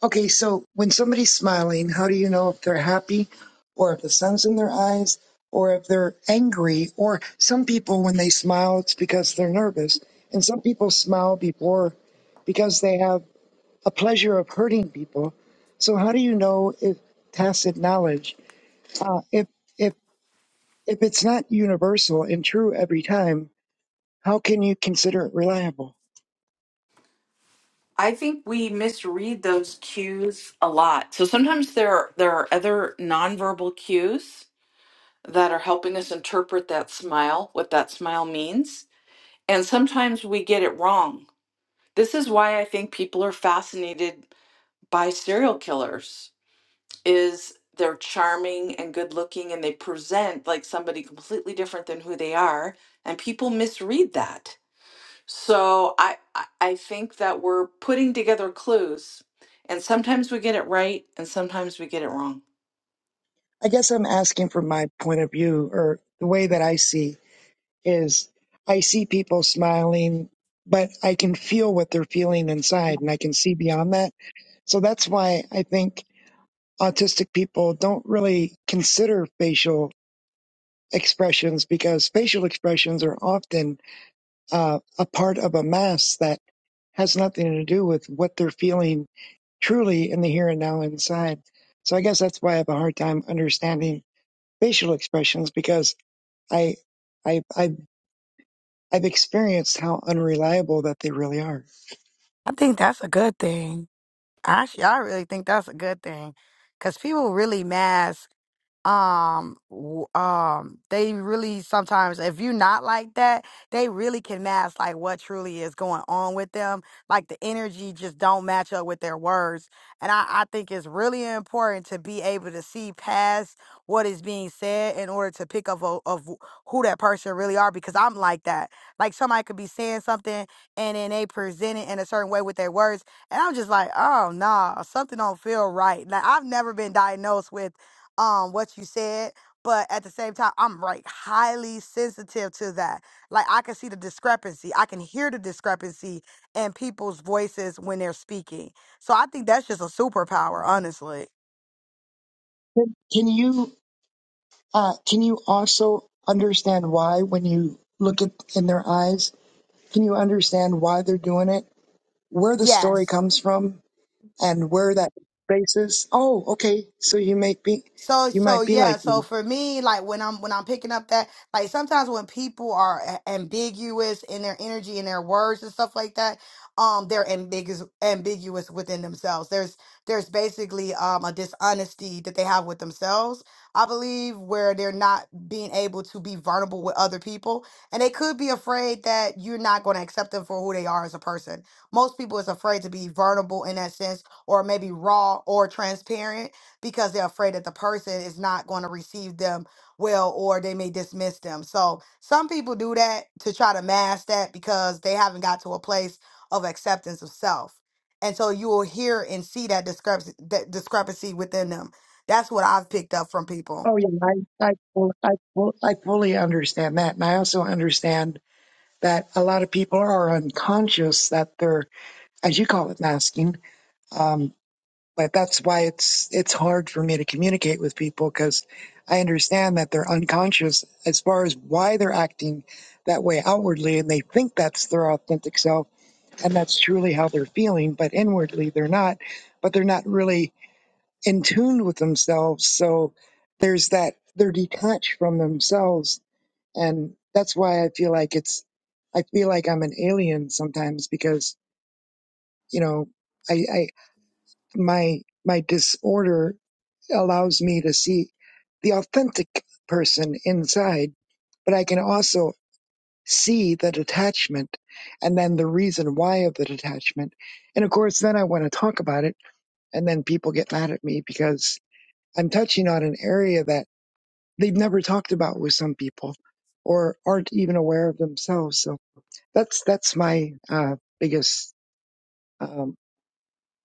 Okay, so when somebody's smiling, how do you know if they're happy or if the sun's in their eyes or if they're angry? Or some people, when they smile, it's because they're nervous. And some people smile before because they have a pleasure of hurting people. So how do you know if tacit knowledge, uh, if, if, if it's not universal and true every time, how can you consider it reliable?
I think we misread those cues a lot. So sometimes there are, there are other nonverbal cues that are helping us interpret that smile, what that smile means, and sometimes we get it wrong. This is why I think people are fascinated by serial killers is they're charming and good looking and they present like somebody completely different than who they are and people misread that so i i I think that we're putting together clues and sometimes we get it right and sometimes we get it wrong
I guess I'm asking from my point of view or the way that I see is I see people smiling, but I can feel what they're feeling inside and I can see beyond that. So that's why I think autistic people don't really consider facial expressions because facial expressions are often uh, a part of a mask that has nothing to do with what they're feeling truly in the here and now inside. So I guess that's why I have a hard time understanding facial expressions because I, I, I I've experienced how unreliable that they really are.
I think that's a good thing. Actually, I really think that's a good thing because people really mask. um w- um they really sometimes if you not like that they really can mask like what truly is going on with them like the energy just don't match up with their words and i i think it's really important to be able to see past what is being said in order to pick up of, of who that person really are because i'm like that like somebody could be saying something and then they present it in a certain way with their words and i'm just like oh no nah, something don't feel right like i've never been diagnosed with um what you said but at the same time i'm right highly sensitive to that like i can see the discrepancy i can hear the discrepancy in people's voices when they're speaking so i think that's just a superpower honestly
Can can you uh, can you also understand why when you look at in their eyes? Can you understand why they're doing it? Where the story
Yes.
comes from and where that basis? Oh, okay. So you may be
So
you
so
might be
yeah,
like
so
me.
for me like when I'm when I'm picking up that like sometimes when people are a- ambiguous in their energy and their words and stuff like that, um they're ambiguous ambiguous within themselves. There's there's basically um a dishonesty that they have with themselves, I believe, where they're not being able to be vulnerable with other people and they could be afraid that you're not going to accept them for who they are as a person. Most people is afraid to be vulnerable in that sense or maybe raw or transparent because they're afraid that the person is not going to receive them well or they may dismiss them. So some people do that to try to mask that because they haven't got to a place of acceptance of self. And so you will hear and see that discrepancy, that discrepancy within them. That's what I've picked up from people.
Oh yeah, I I fu- I, fu- I fully understand that, and I also understand that a lot of people are unconscious that they're as you call it masking. Um, But that's why it's it's hard for me to communicate with people because I understand that they're unconscious as far as why they're acting that way outwardly, and they think that's their authentic self, and that's truly how they're feeling. But inwardly, they're not. But they're not really in tune with themselves. So there's that they're detached from themselves, and that's why I feel like it's I feel like I'm an alien sometimes because you know I, I my my disorder allows me to see the authentic person inside, but I can also see the detachment and then the reason why of the detachment. And of course, then I want to talk about it, and then people get mad at me because I'm touching on an area that they've never talked about with some people or aren't even aware of themselves. So that's that's my uh, biggest um,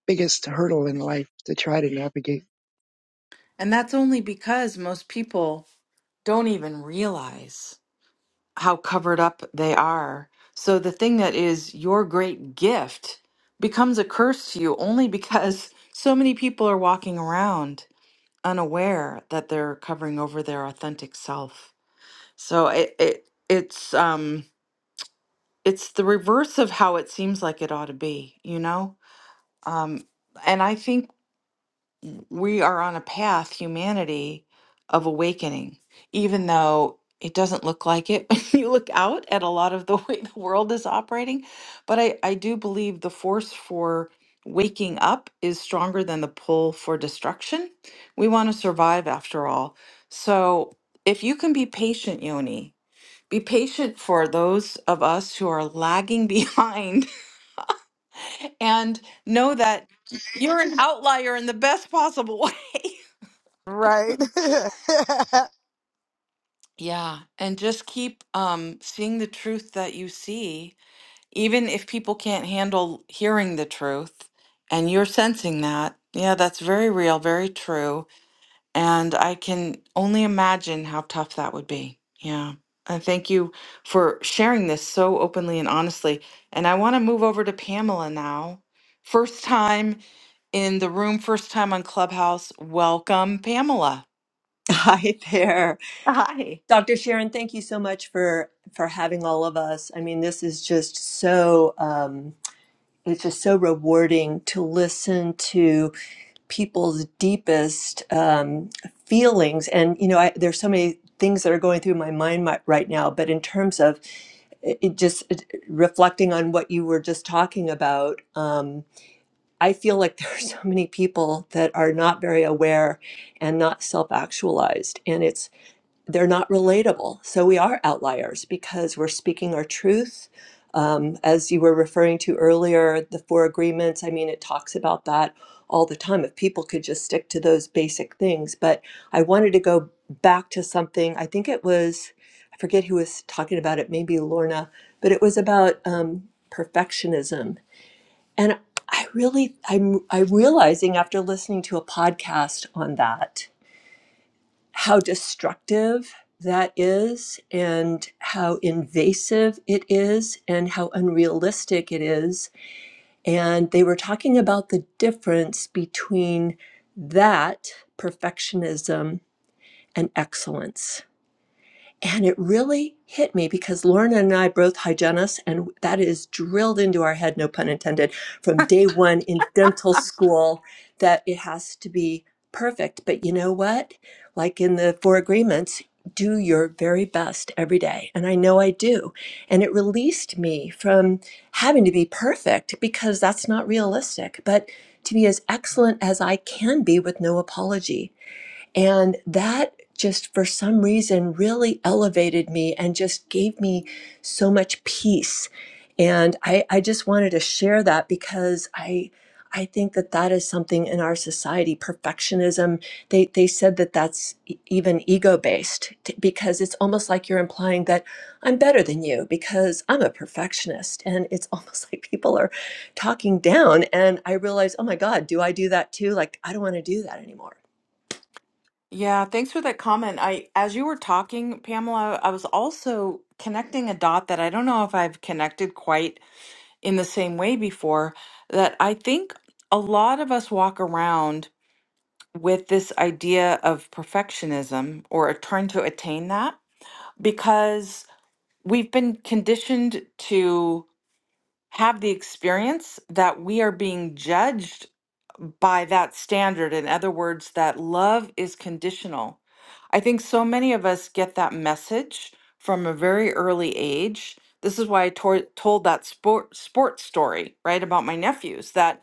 biggest hurdle in life to try to navigate.
And that's only because most people don't even realize how covered up they are. So the thing that is your great gift becomes a curse to you only because so many people are walking around unaware that they're covering over their authentic self. So it, it it's um it's the reverse of how it seems like it ought to be, you know? Um and I think we are on a path, humanity, of awakening, even though it doesn't look like it [LAUGHS] when you look out at a lot of the way the world is operating. But I, I do believe the force for waking up is stronger than the pull for destruction. We want to survive after all. So if you can be patient, Yoni, be patient for those of us who are lagging [LAUGHS] behind and know that you're an outlier in the best possible way. [LAUGHS]
Right. [LAUGHS]
Yeah, and just keep um seeing the truth that you see, even if people can't handle hearing the truth and you're sensing that. Yeah, that's very real, very true, and I can only imagine how tough that would be. Yeah. And thank you for sharing this so openly and honestly. And I want to move over to Pamela now. First time in the room, first time on Clubhouse. Welcome, Pamela.
[LAUGHS] Hi there.
Hi.
Dr. Sharon, thank you so much for for having all of us. I mean, this is just so um it's just so rewarding to listen to people's deepest um feelings and you know, I there's so many things that are going through my mind mi- right now, but in terms of it it just it- reflecting on what you were just talking about, um I feel like [LAUGHS] there are so many people that are not very aware and not self-actualized and it's they're not relatable. So we are outliers because we're speaking our truth. Um, as you were referring to earlier, the four agreements, I mean, it talks about that all the time. If people could just stick to those basic things. But I wanted to go back to something, I think it was, I forget who was talking about it, maybe Lorna, but it was about um, perfectionism. And I really, I'm, I'm realizing after listening to a podcast on that how destructive that is and how invasive it is and how unrealistic it is. And they were talking about the difference between that perfectionism and excellence. And it really hit me because Lauren and I both hygienists, and that is drilled into our head, no pun intended, from day one in dental school that it has to be perfect. But you know what? Like in the four agreements, do your very best every day. And I know I do. And it released me from having to be perfect because that's not realistic, but to be as excellent as I can be with no apology. And that just for some reason really elevated me and just gave me so much peace. And I, I just wanted to share that because I, I think that that is something in our society, perfectionism. They, they said that that's e- even ego based because it's almost like you're implying that I'm better than you because I'm a perfectionist. And it's [LAUGHS] almost like people are talking down. And I realize, oh my God, do I do that too? Like, I don't want to do that anymore.
Yeah, thanks for that comment. I, as you were talking, Pamela, I was also connecting a dot that I don't know if I've connected quite in the same way before, that I think a lot of us walk around with this idea of perfectionism or trying to attain that because we've been conditioned to have the experience that we are being judged by that standard. In other words, that love is conditional. I think so many of us get that message from a very early age. This is why I tor- told that sport sports story, right, about my nephews that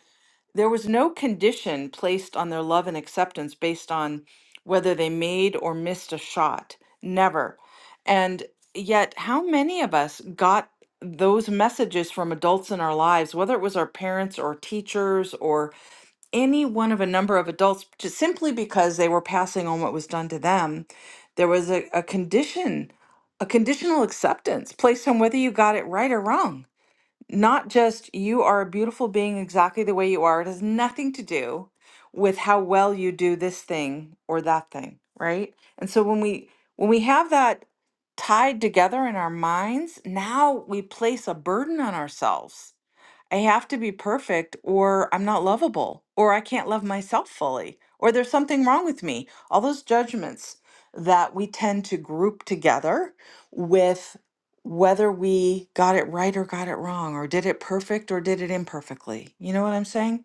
there was no condition placed on their love and acceptance based on whether they made or missed a shot. Never. And yet, how many of us got those messages from adults in our lives, whether it was our parents or teachers or any one of a number of adults just simply because they were passing on what was done to them. There was a, a condition, a conditional acceptance placed on whether you got it right or wrong. Not just you are a beautiful being exactly the way you are. It has nothing to do with how well you do this thing or that thing, right? And so when we when we have that tied together in our minds, now we place a burden on ourselves I have to be perfect or I'm not lovable or I can't love myself fully or there's something wrong with me. All those judgments that we tend to group together with whether we got it right or got it wrong or did it perfect or did it imperfectly. You know what I'm saying?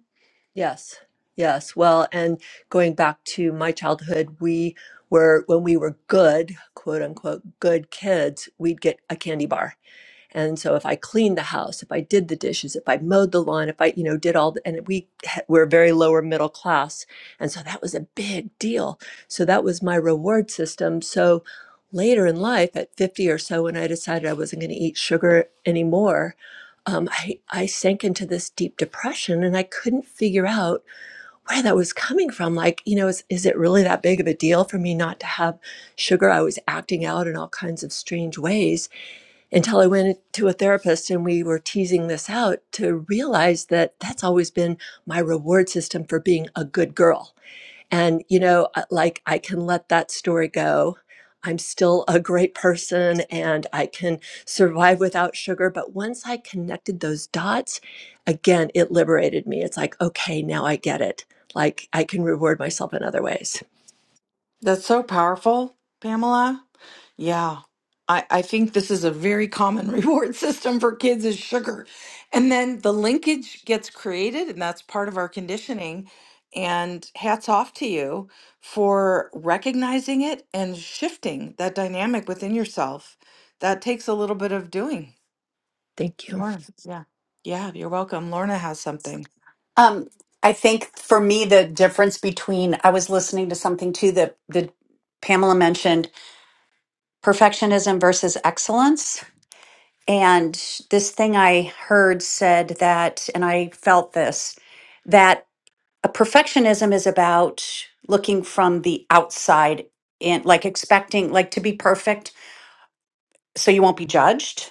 Yes, yes. Well, and going back to my childhood, we were, when we were good, quote unquote, good kids, we'd get a candy bar. And so if I cleaned the house, if I did the dishes, if I mowed the lawn, if I, you know, did all the, and we ha- were very lower middle class. And so that was a big deal. So that was my reward system. So later in life at 50 or so, when I decided I wasn't going to eat sugar anymore, um, I, I sank into this deep depression and I couldn't figure out where that was coming from. Like, you know, is, is it really that big of a deal for me not to have sugar? I was acting out in all kinds of strange ways until I went to a therapist and we were teasing this out to realize that that's always been my reward system for being a good girl. And, you know, uh, like I can let that story go. I'm still a great person and I can survive without sugar. But once I connected those dots, again, it liberated me. It's like, okay, now I get it. Like I can reward myself in other ways.
That's so powerful, Pamela. Yeah. I, I think this is a very common [LAUGHS] reward system for kids is sugar. And then the linkage gets created, and that's part of our conditioning. And hats off to you for recognizing it and shifting that dynamic within yourself. That takes a little bit of doing.
Thank you.
Lorna, yeah. Yeah, you're welcome. Lorna has something.
Um, I think for me, the difference between I was listening to something too that that Pamela mentioned perfectionism versus excellence. And this thing I heard said that, and I felt this that a perfectionism is about looking from the outside in, like expecting, like to be perfect so you won't be judged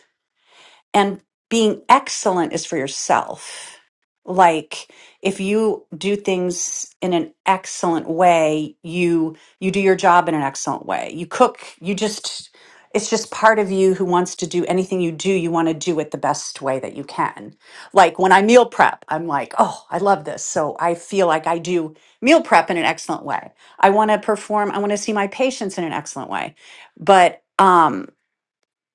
and being excellent is for yourself. Like if you do things in an excellent way, you you do your job in an excellent way. You cook, you just it's just part of you who wants to do anything you do, you want to do it the best way that you can. Like when I meal prep, I'm like, "Oh, I love this." So I feel like I do meal prep in an excellent way. I want to perform, I want to see my patients in an excellent way. But um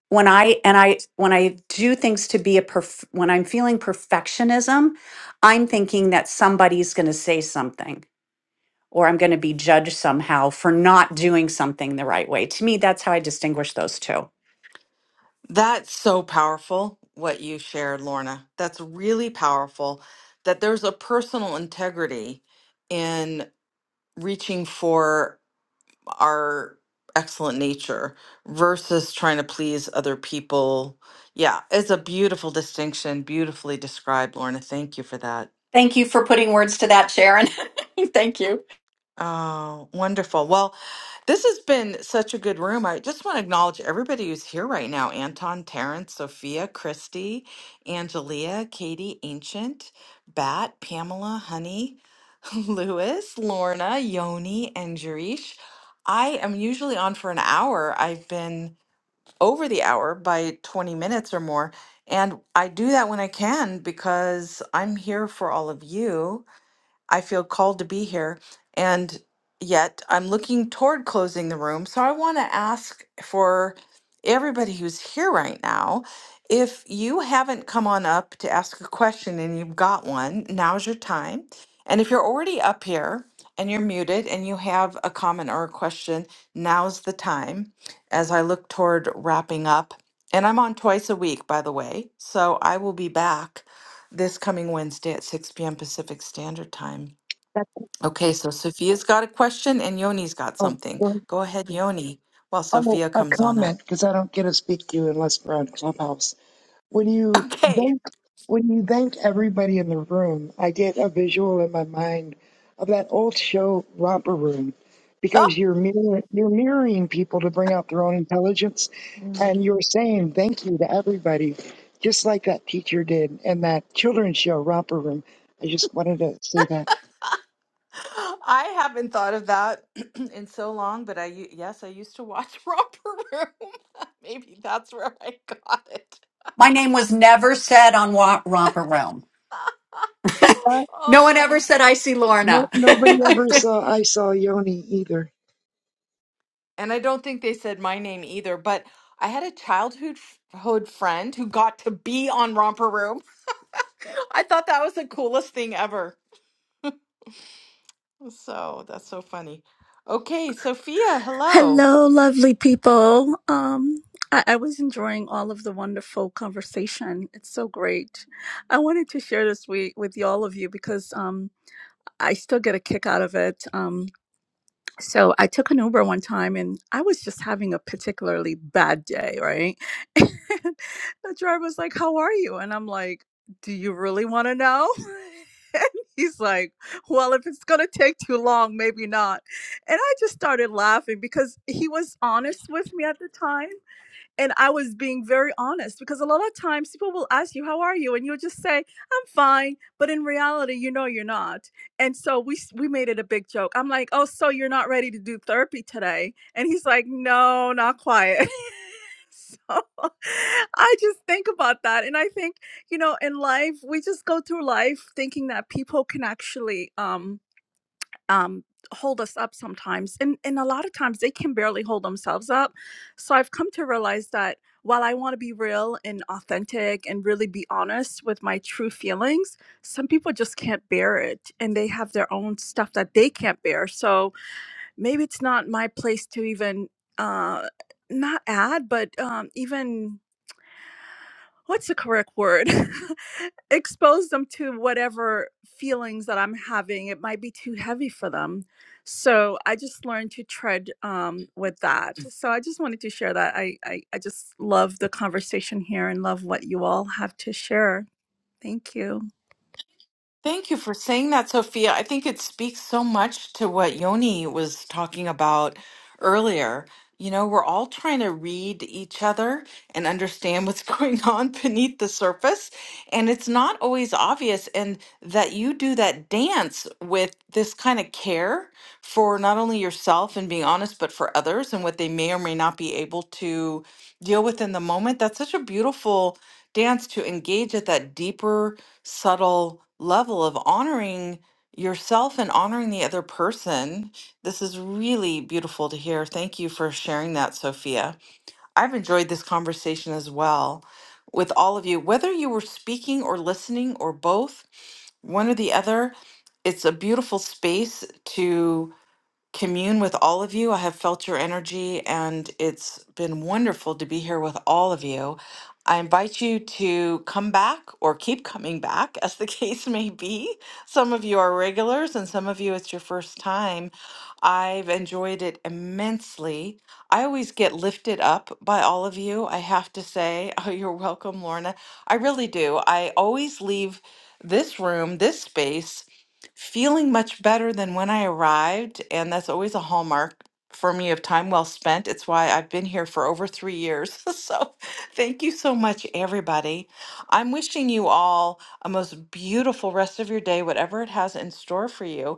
when i and i when i do things to be a perf- when i'm feeling perfectionism i'm thinking that somebody's going to say something or i'm going to be judged somehow for not doing something the right way to me that's how i distinguish those two
That's so powerful, what you shared, Lorna. That's really powerful that there's a personal integrity in reaching for our excellent nature versus trying to please other people. Yeah, it's a beautiful distinction, beautifully described, Lorna. Thank you for that.
thank you for putting words to that sharon [LAUGHS] thank you
Oh, wonderful. Well, this has been such a good room. I just want to acknowledge everybody who's here right now Anton, Terrence, Sophia, Christy, Angelia, Katie, Ancient, Bat, Pamela, Honey, [LAUGHS] Lewis, Lorna, Yoni, and Jerish. I am usually on for an hour. I've been over the hour by 20 minutes or more. And I do that when I can because I'm here for all of you. I feel called to be here. And yet I'm looking toward closing the room. So I want to ask for everybody who's here right now if you haven't come on up to ask a question and you've got one, now's your time. And if you're already up here and you're muted and you have a comment or a question, now's the time as I look toward wrapping up. And I'm on twice a week, by the way. So I will be back this coming Wednesday at 6 p.m. Pacific Standard Time.
That's
Okay, so Sophia's got a question and Yoni's got something.
all.
Go ahead, Yoni, while
Oh,
Sophia
a
comes on up.
comment because I don't get to speak to you unless we're on Clubhouse. When
[LAUGHS]
you
Okay.
thank, when you thank everybody in the room, I get a visual in my mind of that old show Romper Room,
Oh,
because you're mirror, you're mirroring people to bring out their own intelligence,
Mm.
and you're saying thank you to everybody, just like that teacher did in that children's show Romper Room. I just wanted to say that.
I haven't thought of that [CLEARS THROAT] in so long, but I u- yes, I used to watch [LAUGHS] Romper Room. [LAUGHS] Maybe that's where I got it.
my name was never said on Wa- romper room [LAUGHS]
Uh,
no
Oh
one ever
my.
said i see
no,
lorna
nobody
[LAUGHS]
[LAUGHS]
ever saw I saw Yoni either.
And I don't think they said my name either, but I had a childhood hood friend who got to be on Romper Room. [LAUGHS] I thought that was the coolest thing ever. So that's so funny. Okay, Sophia, hello.
Hello, lovely people. Um, I, I was enjoying all of the wonderful conversation. It's so great. I wanted to share this week with y- all of you because um, I still get a kick out of it. Um, so I took an Uber one time and I was just having a particularly bad day, right? [LAUGHS] And the driver was like, How are you? And I'm like, Do you really want to know? [LAUGHS] And he's like, Well, if it's going to take too long, maybe not. And I just started laughing because he was honest with me at the time and I was being very honest because a lot of times people will ask you, "How are you?" and you'll just say, "I'm fine," but in reality, you know you're not. And so we s- we made it a big joke. I'm like, "Oh, so you're not ready to do therapy today?" And he's like, "No, not quite." [LAUGHS] so [LAUGHS] I just think about that, and I think you know, in life, we just go through life thinking that people can actually um um, hold us up sometimes and and a lot of times they can barely hold themselves up so i've come to realize that while i want to be real and authentic and really be honest with my true feelings some people just can't bear it and they have their own stuff that they can't bear so maybe it's not my place to even uh not add but um even what's the correct word? [LAUGHS] Expose them to whatever feelings that I'm having. It might be too heavy for them. So I just learned to tread um, with that. So I just wanted to share that. I, I, I just love the conversation here and love what you all have to share. Thank you.
Thank you for saying that, Sophia. I think it speaks so much to what Yoni was talking about earlier. You know, we're all trying to read each other and understand what's [LAUGHS] going on beneath the surface. And it's not always obvious. And that you do that dance with this kind of care for not only yourself and being honest, but for others and what they may or may not be able to deal with in the moment. That's such a beautiful dance to engage at that deeper subtle level of honoring yourself and honoring the other person. This is really beautiful to hear. Thank you for sharing that, Sophia. I've enjoyed this conversation as well with all of you, whether you were speaking or listening or both, one or the other. It's a beautiful space to commune with all of you. I have felt your energy, and it's been wonderful to be here with all of you. I invite you to come back or keep coming back, as the [LAUGHS] case may be. Some of you are regulars, and some of you it's your first time. I've enjoyed it immensely. I always get lifted up by all of you. I have to say, [LAUGHS] oh, you're welcome, Lorna. I really do. I always leave this room, this space feeling much better than when I arrived, and that's always a hallmark for me of time well spent. It's why I've been here for over three years. [LAUGHS] So, thank you so much, everybody. I'm wishing you all a most beautiful rest of your day, whatever it has in store for you.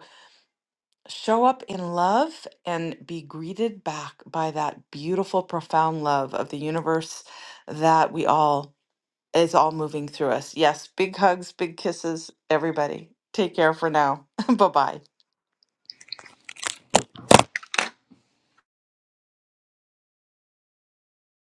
Show up in love and be greeted back by that beautiful, profound love of the universe that we all is all moving through us. Yes, big hugs, big kisses, everybody. Take care for now. [LAUGHS] Bye bye.